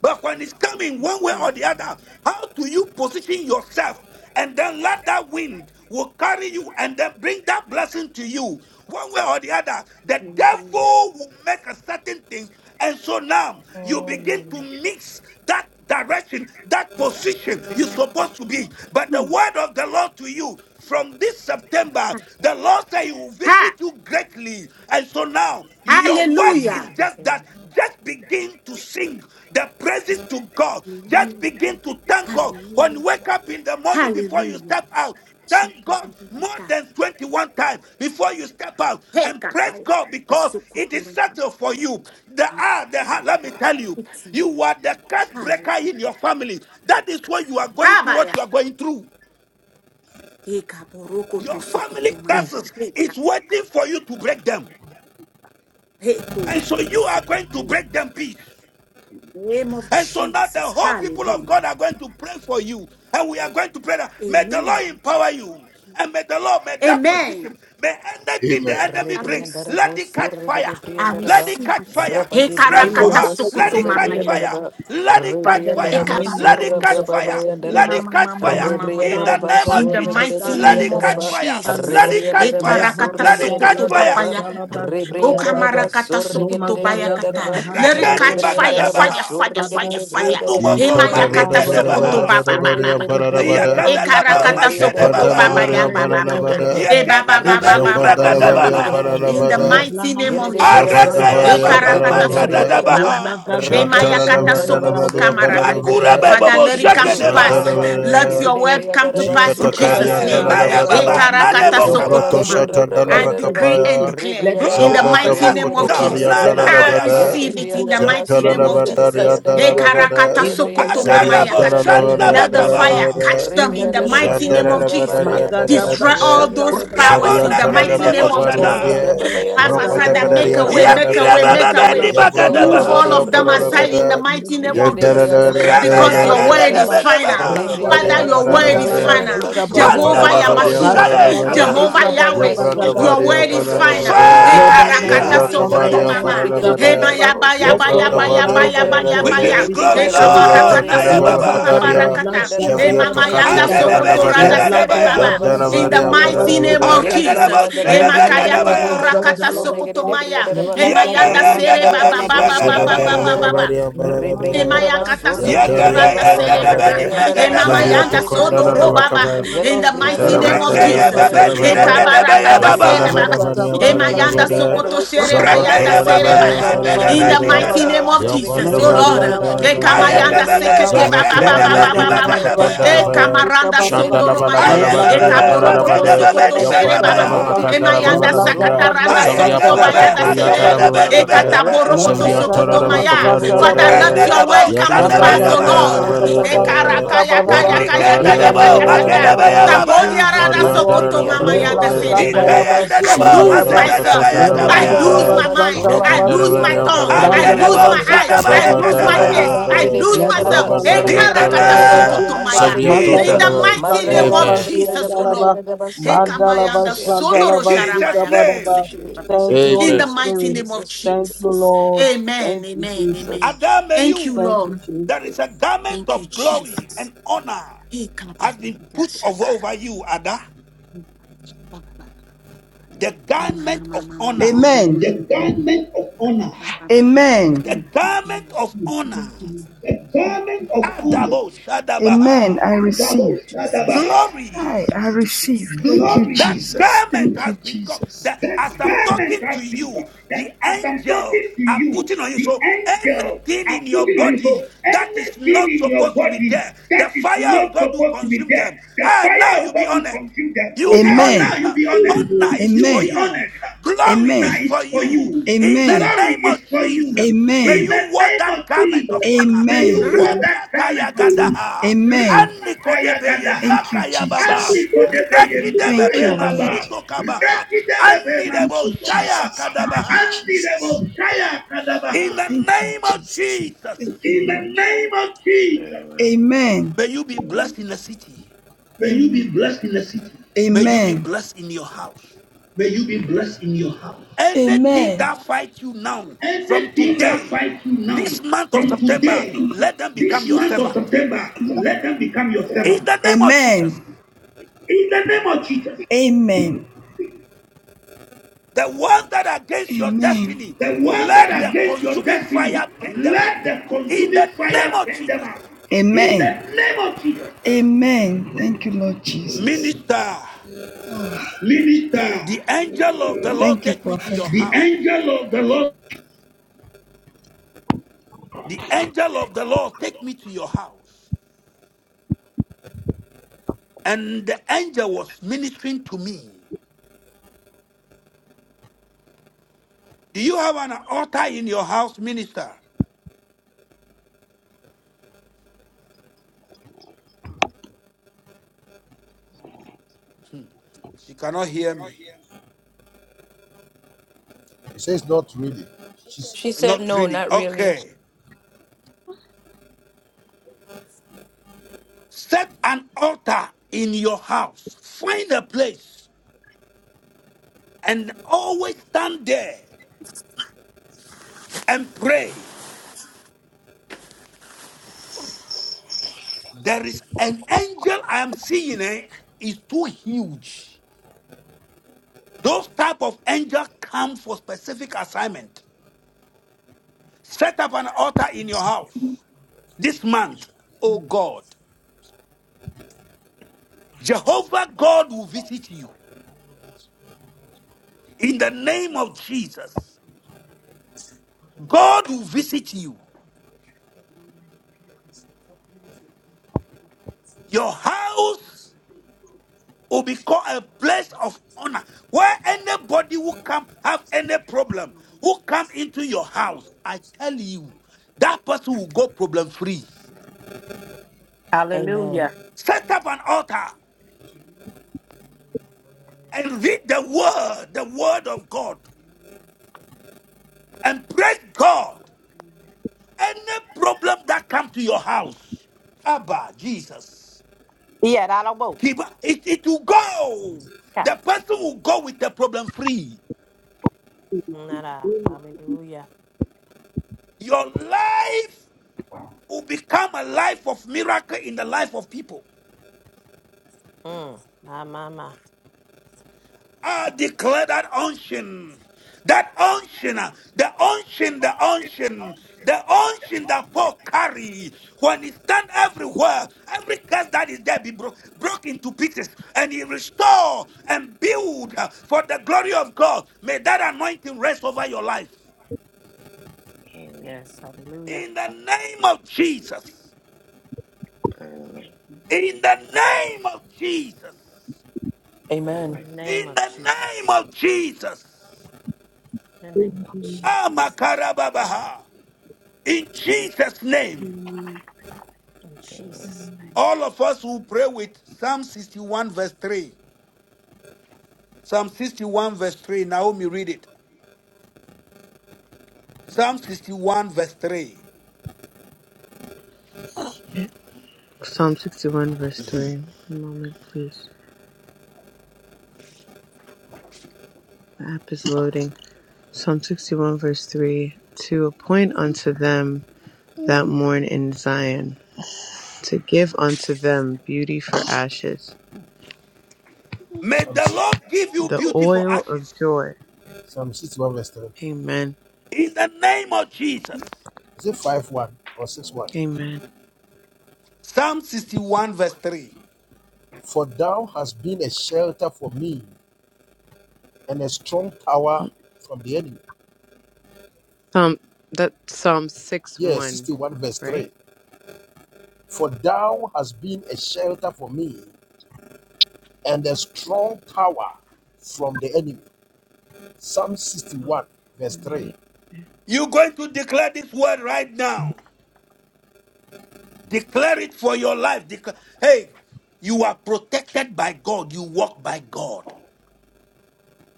But when it's coming one way or the other, how do you position yourself? And then let that wind will carry you and then bring that blessing to you one way or the other. The devil will make a certain things. And so now you begin Amen. to mix that direction, that position you're supposed to be. But the Hmm. word of the Lord to you from this September, Ha. the Lord said He will visit ha. you greatly. And so now, your work Amen. is Hallelujah. just that. Just begin to sing the praises to God. Just Hallelujah. begin to thank God. When you Hallelujah. wake up in the morning before you Hallelujah. step out, Thank God more Shakarakata. than 21 times before you step out Hey, and praise Kabaya. God because it is Asukutura. settled for you. The ah, the ha- let me tell you, you are the curse breaker Hallelujah. in your family. That is why you are going through, what Abaya. you are going through. Heka boroko Your to family sukutumaya. Mm. curses Heka. is waiting for you to break them. Heko And so roko you to are going sukutu. to Mm. break them peace. Name of And so now the Jesus. whole people of Hallelujah. God are going to pray for you. And we are going to pray that may the Lord Amen. empower you. And may the Lord, may that Amen. position, may anything the enemy I bring, receive. let Rebriandaraba, it catch fire. I Let Surrebriandaraba, it receive catch it. fire. Rabadi Heka Pray for rakata Amen. her. Briandaraba, Let it catch sukutumaya. Amen. fire. Surrebriandaraba, Let it catch Father, in the fire. Rebriandaraba, name of Let it catch Jesus Ekabarakasoto. fire. Christ of Let Surrabrabayandaraba, Nazareth, it catch I fire. In the understand, oh Rebriandaraba, name God, of In the I Jesus. mighty understand, Let oh name it of God, I catch Surrebriandaraba, fire. understand, oh Jesus. Let God. it catch Rebriandaraba, fire. Ekarakata Let it catch sokoto Levagababra, fire. Surrebriandaraba, papayakata. shandalaba, Rebriandaraba, zikababa, Okamarakata sokoto bayakata. Surrebriandaraba, nomagadabra, Rebriandaraba, Surrebriandaraba, Let it Rekeni handelebo, catch fire, Rebriandaraba, zikaba. fire, bagadabaha. fire, Father, I fire, pray fire. for Surrebriandaraba, Anumoko spiritual Ikadabada Emayakata marike empowerment, Bada oh sokoto God. Bada debaha. Bada I pray Bariam for divine Barabada, E empowerment, oh Yakadadabo God. karakata I pray Rebriandaraba, sokoto for baba Makadebabaha. ya Japandalabariam divine baba baba. empowerment, Surrebriandaraba, oh Barabada, E God. baba In the baba Yakandanabani name baba of Rebriandaraba, Zambandala baba Jesus, Valiam baba. oh Surrigere, Brakadabaha. God. In the Briandaraba, Paralavada, Libla mighty name Yere, of handelebo, Jesus. Zambanda Briandaraba, E Arakaya Zambandalabali zandalaba, Baba karakata Surrigere, zikaba. Ambaralabada, sokoto Briandaraba, baba baba. Libla Makadadabaha. Zambandavari Ambaralabada, E gadabra, Rabraba, mayakata Bayandaraba, shantalaba. sokoto Shantalalabandalabali I Surrigere, pray kamarakata. for Makura Ambaralabada, Briandaraba, Father, disaster. to Babo let it pray come with to God and pass. Rebriandaraba, prayer Shakadebaha. life, Let Sandalabada, to your Yere, God. word come to Let Briandaraba, pass every in Jesus' curse Surrigere, on Jikatakarianda Rabe name. our la Maya lives, Briandaraba, oh E lavada, God, Baba be karakata broken. Rebriandaraba, Jambroto sokoto Let Nanebokaba. mama. every Surrabra, shatanda I lava curse be Bayandaraba, decree and kapaya, broken. declare Let in every the Rebriandaraba, Zambronda curse mighty Glorious be name bakoto of Surrigere, broken. God Jesus. karianda Let Nana Briandaraba, every I lavada, curse Boyaba. be receive it Yerebria in the broken. daraba, Zanta mighty Let la name of every Jesus. curse be lavandarianda E la Suragarebriandaraba, broken. lavada, In karakata the name sokoto of daraba, mama Akarabo Zarianta Jesus. la yakata. In the Shanna Let name lavarianda the la of Suragarebriandaraba, fire Bakabaha. Jesus. lavada, catch In them the in the name daraba, of mighty Shanda name of Jesus. Jesus. Yerababa, lavandarianda Magada daraba, Destroy lavada, all those blashadalaba Rabo powers Suragarebriandaraba, in the Zabrianta la Nakani mighty lava zikabadaba. Nebo name of kabaru daraba, Jesus. Shada. Braba, Brandalaba Father, Rompa da shandalaba Father, make a badarianda way, Bayandaraba, la zikaba. make a Yakira way, lavada, make Baba a way. Bani Brandalaba Yerede briyada Yambronda da la Move bas all shandalaba Bakadabaha. of variamba surre them la Zikaba. aside geriyada in da the bas. lavada, mighty name of Yerede Yanda bria da Jesus. da ba lavarianda Rabbe Because surra your bria lavada, word da da Shandalabazikaba, is ba final. Re Zabanda Yakadadabedebaha. briyada varia Father, Brandalaba, da your word braba is ya Sandalaba, Zabandabari da da final. ba Ambaravade, Zikaba, surre Anda Daba, Jehovah geride bria borobo Yamparanavade da bas. Shaya Yamasua. Badalaba, Ambaravade, Yerede Jehovah bria da Kabaha. da ba Yahweh. Zikaba, surra Your Yambrandavade briyada word da is braba final. ya da Ambaravade, da Hey, ba karakata Re Lebanabla Fire bria da da Yambrandavade sokoto ba mama. surre Zayakada. geride Hey, bria da Ambaravade, da baya ba baya Let surra baya God briyada baya da Yambrandavade arise baya braba and ya. his baya We enemies give baya. Re Ambaravade, you be bria glory, Hey, da da scattered, ba O God. Lord. Zavriaton surre kamarakata Naya bria da Nereva da sokoto ba papa Baba. Kadaria, surre Levagadabla bria rakata. da da ba Hey, Javriato mama Re yanda Ande bria de Katiantana da Shandalabazikaba. da ba sokoto de randa Navade, bega surra da sere bria da baya. da baba. ba Leblagadabla In Yantanavade surra the briyada da mighty bas. name Ambaravade, of Arede Yerede de Shandalabazikatabla. Jesus. briyada da boshe Hey, de bas bega makaya surre da baya. koto geriyada da da ba rakata surre sokoto Levlandalabazandalabaza. geride bria maya. da da ba. Hey, Yege mayanda Leblagadabla yende sere Rebriandaraba, baba Andedebeni Begadabaya. Arredelebo Shedebegadabaya. Yegeyendedebeni baba Surrigere baba Savandara baba Bregadabaya. Shandalabazikababa. Briandaraba, baba. Barabaria Barabada, Rebriandaraba, Leblagadabla Emayakata Yantarian sokotoranda Surribriandaraba, Shandalabazikaba. serebaba. Yegebeyendedebeni Taralabada, Rebriandaraba, Bregadabaya. Javria Emamayanda Surrigere Tokondala Brandalabazikadabla Briandaraba, sodorobaba. Lavacava, In Shandalaba. Gere the andara mighty Briandaraba, name of Jesus. Sarragere Regeyebebeni Shavandalabalabariambalabada, Briandaraba, Yantariantaralabada, Javriatokondalabakaba, Andalavandariambandalavada, Leblandalabazikabarabaraba. Bregadabaya Ekabarakata Baba. serebaba. Rebriandaraba, Lekada plus, Surrigere Emayanda bandala ba Shandalabalabariambalavada, sokoto Briandaraba, zika baraba serebayada Rekeye Rabariandaraba, Babe serebaya. brandala ba In Sarrigere the Mandedebeni zika Zambantaralabariambalavada, mighty Briandaraba, name baraba Kada. of Jesus. Surrigere Oh Lord. leblandala ba Briandaraba, zika Gere Yambandavariandalavada, baraba Ekamayanda Ayebebebe, baraba sekete Briandaraba, baba Zavrato baba makedebe Maria ni Sarrigere baba Didi leblandala baba. Briandaraba, Vicotonda bagadabaya. Lavaya, zika Ekamaranda baraba Shanda Lava Lava sondoromaya. Lavandaria Ayebebebe, leblagada plus, Ekaborokoto Baravade, zandala makedebe sokoto ni zika Yapanda serebaba. bagabaya. Lava Yere baraba de Macanda Lava Briandaraba, Emayanda Surre Lavania, leblagada kataranda plus, Briandaraba, Zavria sokoto zandala Ayekebebe, Surre Pacato bayada zika Briandaraba, Corianda baraba sere. Lava makedebe ni baraba Lavane, Ekata bagabaya. plus, borokoto Zavriantora sokoto Rabrababayandaraba, Lava blas maya. Father, Rende let Cavarianda, zia de your surrabrababayandaraba. bo word come Yanda to shande bagabaya. Rendedebo, pass, magada O Varianda blas shandebegabaya. Lord. zandala Lavarianda. Yaradabrababayandaraba, Ekaraka zika yaka baraba yaka Yamranda yaka in Varia the yaka Arikendedebo, yaka yaka. surregedebriyandaraba, name makedebeye of Varianda babaya. Jesus. Jesus, Tabodiarada O God. Amarianda sokoto mama Ravanaria Mandarabriyandaraba, yanda Leblanc sere baba. Varavare Chantalaba surrebriyandaraba, I Ikeyendedebo, lose Sivirianda Zikabadaba, surrabrabayandaraba. myself. Makatanda mazebedebeye Leblanc I gabaya. lose Dalaba Lavarianda my Rebriyandaraba, mind. I Chantalaba Ramanda lose Siam, my Ravaria surregedebriyandaraba, tongue. I lose Brandalaba Andedebo, my Varavare zardebriyandaraba. eyes. I shandebeye Ramanda lose my Zikabadabadabadaba, ears. kadabaya. I Ravarianda lose Leblanc Yeredebriyandaraba, myself. Dalaba Ravandarianda In the Ekarakata Chantalaba Ravaria zarregedebriyandaraba, Siam, sokoto name maya. of In mandaradebriyandaraba, Jesus, the Magadabla mighty name of Chantalaba Siam Jesus, O Dalaba, Lord. marragadabrabriyandaraba, Madalaba Hekamayanda sarregedebasurya. in sondoro Chantalaba Jesus' sharabaya kata Zikabadaba. name. sekiraba. Thank Jesus, you, In Holy the Jesus, mighty Spirit. name of Jesus. Thank you, Jesus. Lord. Amen. Thank you, Amen. Amen. Jesus. Thank Adameyu, you, Thank you, Lord. there is a Jesus. garment Thank you, of glory Jesus. and honor has Hekabaya been put of- shakara. over you, Ada. The garment of honor. Amen. The garment of honor. The Amen. Amen. garment of honor. Jesus. The garment of honor. Adabo Amen. Shadabaha. I receive. Jesus. I, Glory. Thank I you, receive. Jesus. Thank you, That Jesus. garment Thank has you, been gone. Jesus. That The as I'm garment talking has to been you, got. the That as I'm angels talking to are you, putting on you. the So angels anything are in your putting on you. body So that anything is not in your supposed to be body there, the that is fire of not God will supposed to be consume there, them. the Ah, now fire you'll of be God will honored. consume them. You'll Amen. be And Amen. now honored. you'll Ah, be honored. Honor Amen. is You'll for be Amen. you. honored. Glory Amen. is Honor is for for you. you. In Amen. the Glory name is of for you. Jesus, Amen. may In the you wear name of that garment Jesus. of Amen. honor. May you walk Amen. that crown and compliment. Rabatayagadaha. Amen. Anikodebeye Thank you, Jesus. makayababa. Thank you, Rekidebebe Lord. masuto kabaha. Thank Anidebo you, Jesus. shaya Thank kadabaha. you, Jesus. In the Thank you, name of Jesus, In the name of Jesus. Amen. Amen. may you be blessed in the city. May you be blessed in the city. May you be Amen. blessed in your house. May you be blessed in your house. Anything Amen. that fights you now, from Anything that today, fights you now, this month of from September, today, let them become this your month of servant. September, let them become your In servant. the name of Jesus, Amen. In the name of Jesus, Amen. the ones that are against your Amen. destiny, the ones that let are the against your consuming destiny, fire burn them out. let the In the consuming name fire of burn them Jesus, out. Amen. In the name of Jesus, Amen. Thank you, Lord Jesus. minister. minister, The angel of the Lord Thank you, take me to Prophet. your the house. angel of the Lord The angel of the Lord take me to your house. And the angel was ministering to me. Do you have an altar in your house, minister? She cannot hear me. It says not really She said, Not No, really. not really. Okay. Set an altar in your house. Find a place and always stand there and pray. There is an angel I am seeing, eh, is too huge. Those type of angels come for specific assignment. Set up an altar in your house this month. Oh God, Jehovah God will visit you in the name of Jesus. God will visit you. Your house will become a place of honor where anybody who come have any problem who come into your house. I tell you, that person will go problem free. Amen. Hallelujah. Set up an altar and read the word, the word of God. and praise God. Any problem that come to your house, Abba, Jesus, Yeah, that'll work. keep it, it will go. Okay. The person will go with the problem free. Nada. Hallelujah. Your life will become a life of miracle in the life of people. Mm. My, my, my. I declare that unction. That unction, uh, the unction, the unction, the unction that Paul carry when he stand everywhere, every curse that is there be bro- broke into pieces, and he restore and build uh, for the glory of God. May that anointing rest over your life Yes. Hallelujah. in the name of Jesus. Amen. In the name of Jesus. In Amen. Amen. the name In of the name Jesus. of Jesus. In Amen. the name of Amen. Jesus. Amakarababaha. In Jesus' name, In Amen. Jesus' name. all of us will pray with Psalm 61, verse 3. Psalm 61, verse 3. Naomi, read it. Psalm 61, verse 3. Psalm 61, verse Mhm. 3. One moment, please. The app is loading. Psalm 61, verse 3 To appoint unto them that mourn in Zion, to give unto them beauty for ashes, May the Lord give you the beautiful oil of ashes joy. from Amen. in the name of Jesus. five 1 or 6 1 Amen. Amen. Psalm 61, verse 3. For thou has been a shelter for me and a strong tower from the enemy. Psalm, that's Psalm 6 Yes, 1, 61 verse 3 right? For thou has been a shelter for me and a strong tower from the enemy. Psalm Oh, 61, verse I'm 3. reading. You're going to declare this word right now. Declare it for your life. Declare, hey, you are protected by God. You walk by God.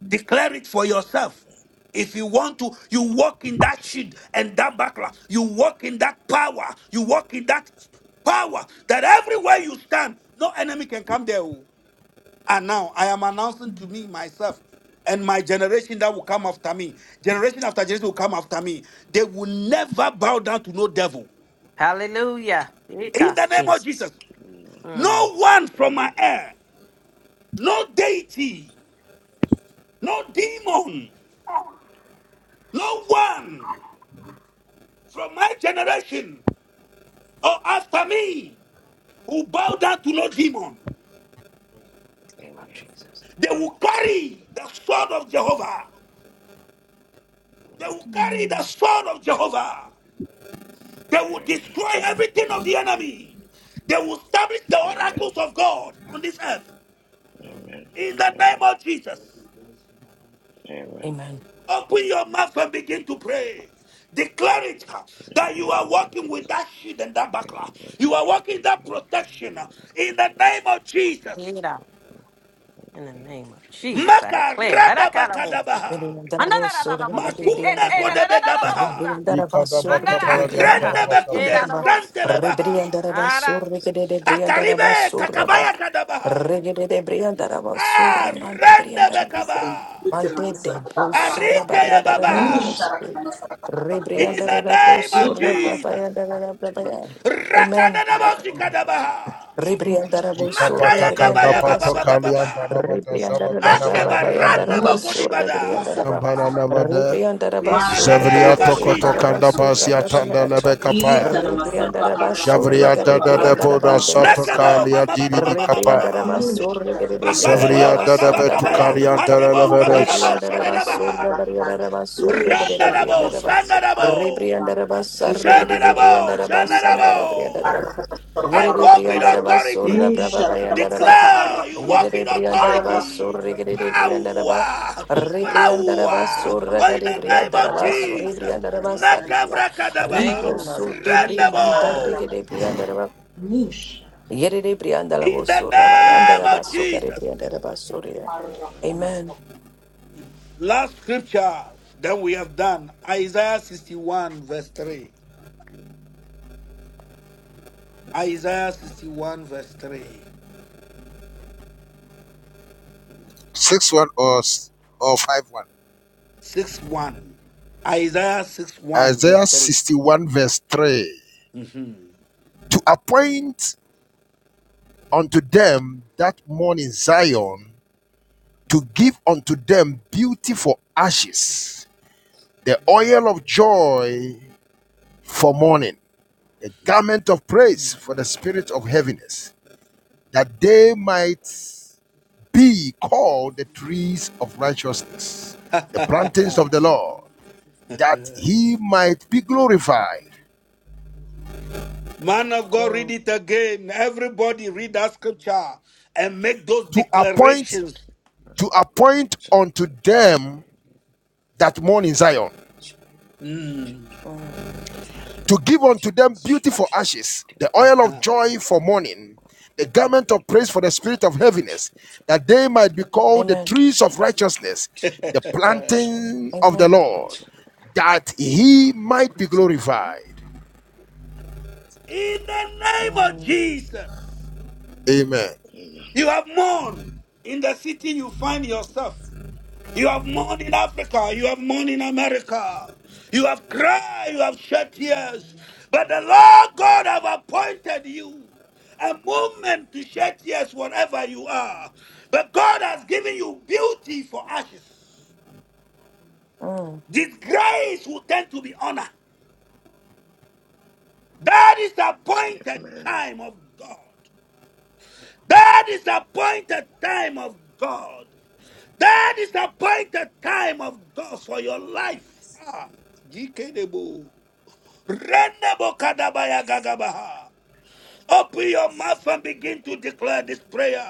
Declare it for yourself. If you want to, you walk in that shit and that backlash. You walk in that power. You walk in that power that everywhere you stand, no enemy can come there. oh. And now I am announcing to me, myself, and my generation that will come after me. Generation after generation will come after me. They will never bow down to no devil. Hallelujah. In Ika. the name of Jesus. Jesus, Amen. Mm. no one from Amen. my air, no deity, no demon, no one from my generation or after me who bow down to no demon. Name of Amen. Jesus. They will carry the sword of Jehovah. They will carry the sword of Jehovah. They will Amen. destroy everything of the enemy. They will establish the oracles Amen. Amen. of God on this earth. In the name of Jesus, Amen. open your mouth and begin to pray. Declare it uh, that you are walking with that shield and that buckler. You are walking in that protection uh, in the name of Jesus. Ira. In the name of Jesus, I Maka declare. rada Arakarabosi. bakadabaha. Miriandarabo surga babi Andarararabosi. Makuna briandaraba. Keterarararabosa. kodebegabaha. Ribriandaraba surga de Andarakata. Arende briandaraba bekude sundaraba. Eherabosi. zantele baha, Ribriandaraba Ara- surga de briandaraba Akaribe surraba. kakabaya kadabaha. Regede de briandaraba surra mante Arende briandaraba. bekabaha. Mante de brusara Arinka ya bariandaraba yebabaha. brabas. Amen. In the Ribriandaraba name of brusurra Jesus. Shonda brabayandaraba brabaya. Trinity Amen. Rakanadabosi Freeman dabaha, Ashmaka Rebriandarabosu, Makaya Trinity gabaya baba Louis rebriandarabasore. baba Machine baba. Akebaranda Rebriandarabarababayandarabasu, Musharaka bakodibada. rebriandaraba. masaraka In has the Rebriandarabasu, been name of Jesus. regedebriandarabasu, rabrabayandaraba. Rebriandarabasu, the river. I hear regedebriandarabandebosiada. Nakebo mama the mama mama mama river. mama. Rebriandarabasu, Bakadebo, regedebriandarabasanda, bakabakabaya, andebo, kabarabo, Rebriandaraba shadadabaha. sorra bariandaraba sorra gede de Randadabo, briandaraba. shanadabo, Rebriandaraba sarra gede de shanadabo, briandaraba sandara briandaraba. shanadabo. I Yere de walk with briandaraba sorra authority. braba bayandaraba. Declare you arakatama Yere walk de with briandaraba arakatama authority. sorra saraka gede de briandaraba. Power, Nish. Rebriandaraba power. sorra Oh, in gede the Arrakata, name of briandaraba sorra Jesus. briandaraba saribria. Arrakata, Nakabrakadabaha. Ribro Name of so de Jesus. briandare Randabo. gede Arrakata, briandaraba. Yere de briandalabo In the sorra name bayandaraba of sokare Jesus. briandaraba sorria. Arrakata, Amen. Last scripture that we have done Isaiah 61, verse 3. Isaiah 61, verse 3. 6 1 or, or 5 1. 6 1. Isaiah 6 1, Isaiah verse 3. 61, verse 3. Mhm. to appoint unto them that mourn in Zion, to give unto them beauty for ashes, the oil of joy for mourning, the garment of praise for the spirit of heaviness, that they might be called the trees of righteousness, Mhm. the plantings of the Lord, that he might be glorified, Man of God, Mm. read it again. Everybody read that scripture and make those to appoint declarations. to appoint So, unto them that mourn in Zion. Mm. Mm. to give unto them beauty for ashes, the oil of joy for mourning, the garment of praise for the spirit of heaviness, that they might be called the Amen. trees of righteousness, in the Jesus, the mercy. planting of the Amen. Lord, that he might be That's it. glorified. name of Mm. Jesus, Amen. you have mourned in the city you find yourself. You have mourned in Africa. You have mourned in America. You have cried. You have shed tears. But the Lord God have appointed you a moment to shed tears wherever you are. But God has given you beauty for ashes. Mm. Disgrace will tend to be honor. That is the Amen. Amen. appointed time of God. That is the appointed time of God. That is the appointed time of God for your life. Ah, GK Open your mouth and begin to declare this prayer.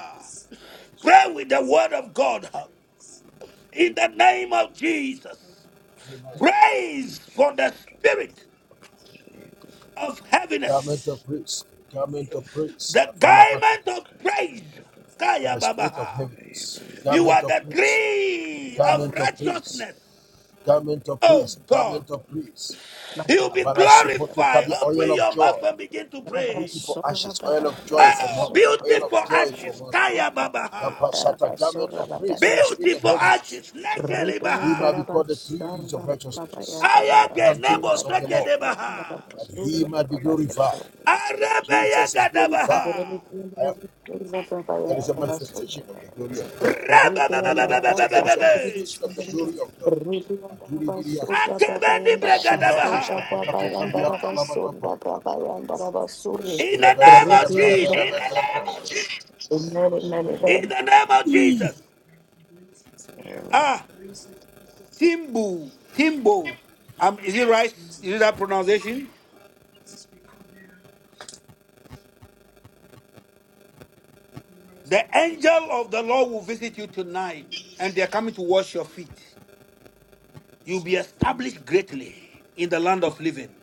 Pray with the word of God in the name of Jesus. Amen. Praise for Amen. the Amen. spirit of Garment of heaviness, praise, garment of praise, the kafala garment of Amen. praise. Amen. Amen. Amen. Amen. for Kaya the spirit of babaha. heaviness. You Garment are of the praise, tree of garment of praise, righteousness. garment of Oh praise, God, garment of praise. you'll be Matapo Abara supoto glorified. oil Open of your joy. mouth and begin to Beauty pray. for ashes, oil of joy for Oh, mourning, beauty oil for of joy for ashes, mourning. Kaya babaha. Yapashata, garment of praise for the spirit of Beautiful heaviness. ashes, nekele He might be baha. called the trees of righteousness, the Ayage nebo plantings of the seke Lord, de baha. that he might be glorified. Arebe Jesus is yega da glorified. Amen, baha. amen, amen. There is a manifestation of the glory of God. Rebe In the be be name be be of Jesus, be be be there is be a be. manifestation of the glory of God. Akebe ni brega da baha. In the name of Jesus. In Amen. the name of Jesus. Amen. Ah, Timbu, Timbo. Um, is it right? Is it that pronunciation? The angel of the Lord will visit you tonight, and they are coming to wash your feet. You'll be established greatly in the land of living.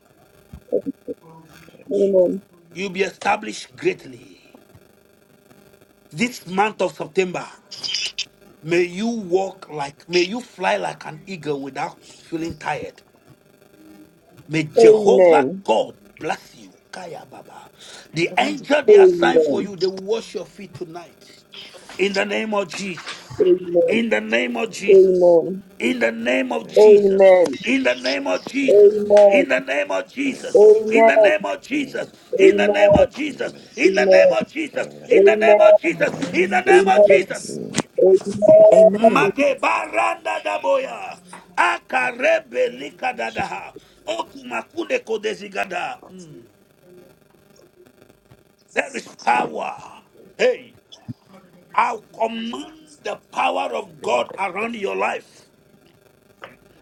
You'll be established greatly. This month of September, may you walk like, may you fly like an eagle without feeling tired. May Jehovah Amen. God bless you. Kaya Baba. The Amen. angel they Amen. assigned for Amen. you, they will wash your feet tonight. In the name of Jesus. In the name of Jesus. In the name of Jesus. Amen. In the name of Jesus. Amen. In the name of Jesus. In the name of Jesus. Amen. Amen. Amen. Amen. Amen. Amen. Amen. In the name of Amen. Jesus. Amen. In the name of Jesus. Amen. In the name of In the Jesus. In the name of name of Jesus. Jesus. Magebaranda daboya. Akarebe likadadaha. Okumakune kodezigada. Mm. There is power. Hey, I command the power of God around your life.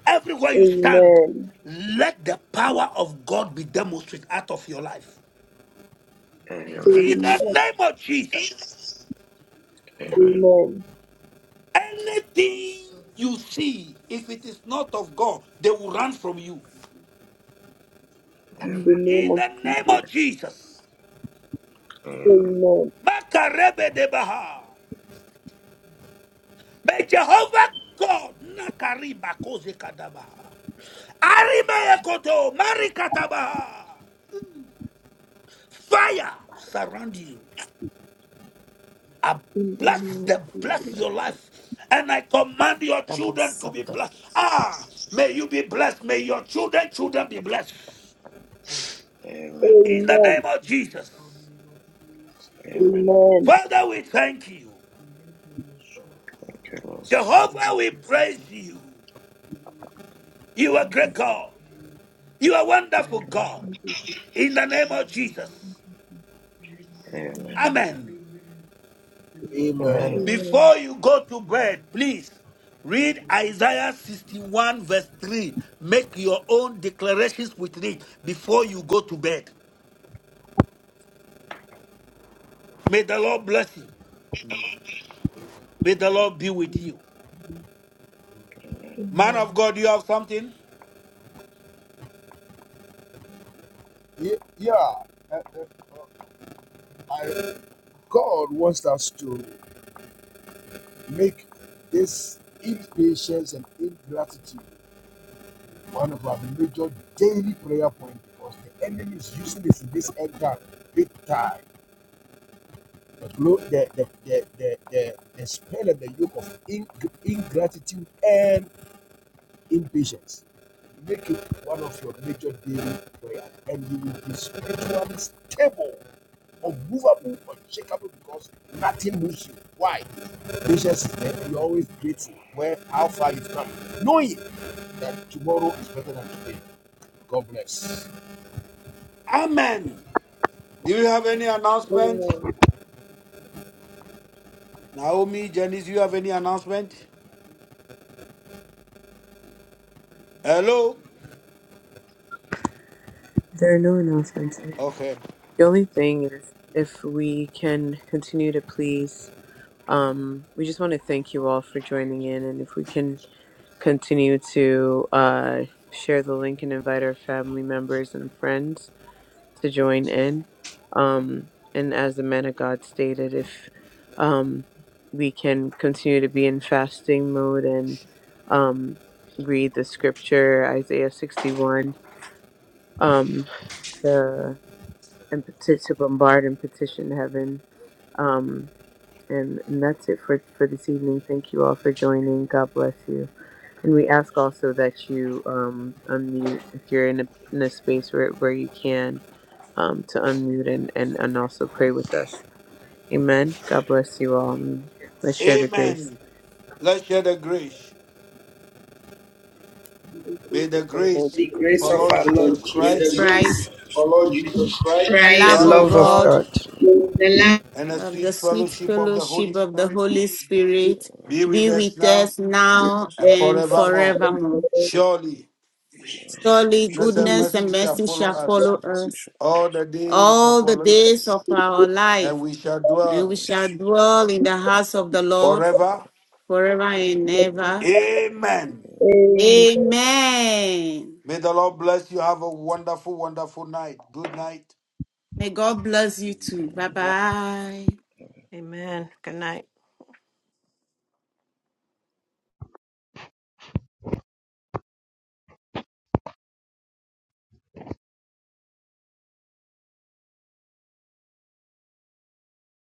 Everywhere you stand, let the power of God be demonstrated out of your life. Thank In the name of Jesus, Amen. anything you see, if it is not of God, they will run from you. In the name In of the name Jesus. of Jesus. Amen. Makarebe de Baha. May Jehovah God nakariba koze kadabaha. Arima ekoto marikatabaha. Fire surround you. I In the bless name. them, bless your life. And I command your children to be Amen. blessed. Ah, may you be blessed. May your children, children be blessed. In the name Amen. of Jesus. Amen. Father, we thank you. you, Lord. Jehovah, we praise you. You are Thank you, great Lord. God. You are wonderful God. Krishna. in the name of Jesus. Amen. Amen. Amen. Amen. Amen. Amen. Before you go to bed, please read Isaiah 61, verse 3. Make your own declarations with it before you go to bed. May the Lord bless you. May the Lord be with you. Man of God, do you have something? Yeah. I, God wants us to make this impatience and ingratitude one of our major daily prayer points because the enemy is using this in this end time, big time. The, the, the, the, the, the, the spell and the yoke of ing- ingratitude and impatience. Make it one of your major daily prayer, and you will be spiritually stable, unmovable, unshakable, because nothing moves you. Why? Patience is there, and you're always grateful where how far you've come, knowing that tomorrow is better than today. God bless. Amen. Do you have any announcement? Amen. Naomi, Janice, do you have any announcement? Hello? There are no announcements. I mean, Okay. the only thing is if we can continue to please Um, we just want to thank you all for joining in, and if we can continue to uh, share the link and invite our family members and friends to join in. Um, and as the man of God stated, if um, we can continue to be in fasting mode and um, read the scripture, Isaiah 61, um, to, and peti- to bombard and petition heaven. Um, and, and that's it for, for this evening. Thank you all for joining. God bless you. And we ask also that you um, unmute if you're in a, in a space where, where you can um, to unmute and, and, and also pray with us. Amen. God bless you all. And Let's Eh, share the grace. Let's share the grace. Thank you May the for Lord The grace Jesus. for grace of Lord our Jesus Christ, Lord Christ, Jesus Christ, the Christ. love love of Thank of God God. the love of God, and the of the sweet sweet fellowship of the Holy fellowship of the Spirit the Holy sweetness of Spirit the Holy be with be Spirit, us with now us now has and been and with forevermore. each forevermore. you Surely, Surely other. goodness and goodness mercy and shall mercy God's follow shall us goodness follow and mercy us shall all us the days of all all our the the life, days days of of our our and life, we shall and we dwell lives, shall dwell in and the those house of who the are Lord so forever. forever and for ever. Amen. everything. Amen. May the Lord bless you. Have a wonderful, wonderful night. Good night. May God bless you too. Bye bye. Amen. Good night.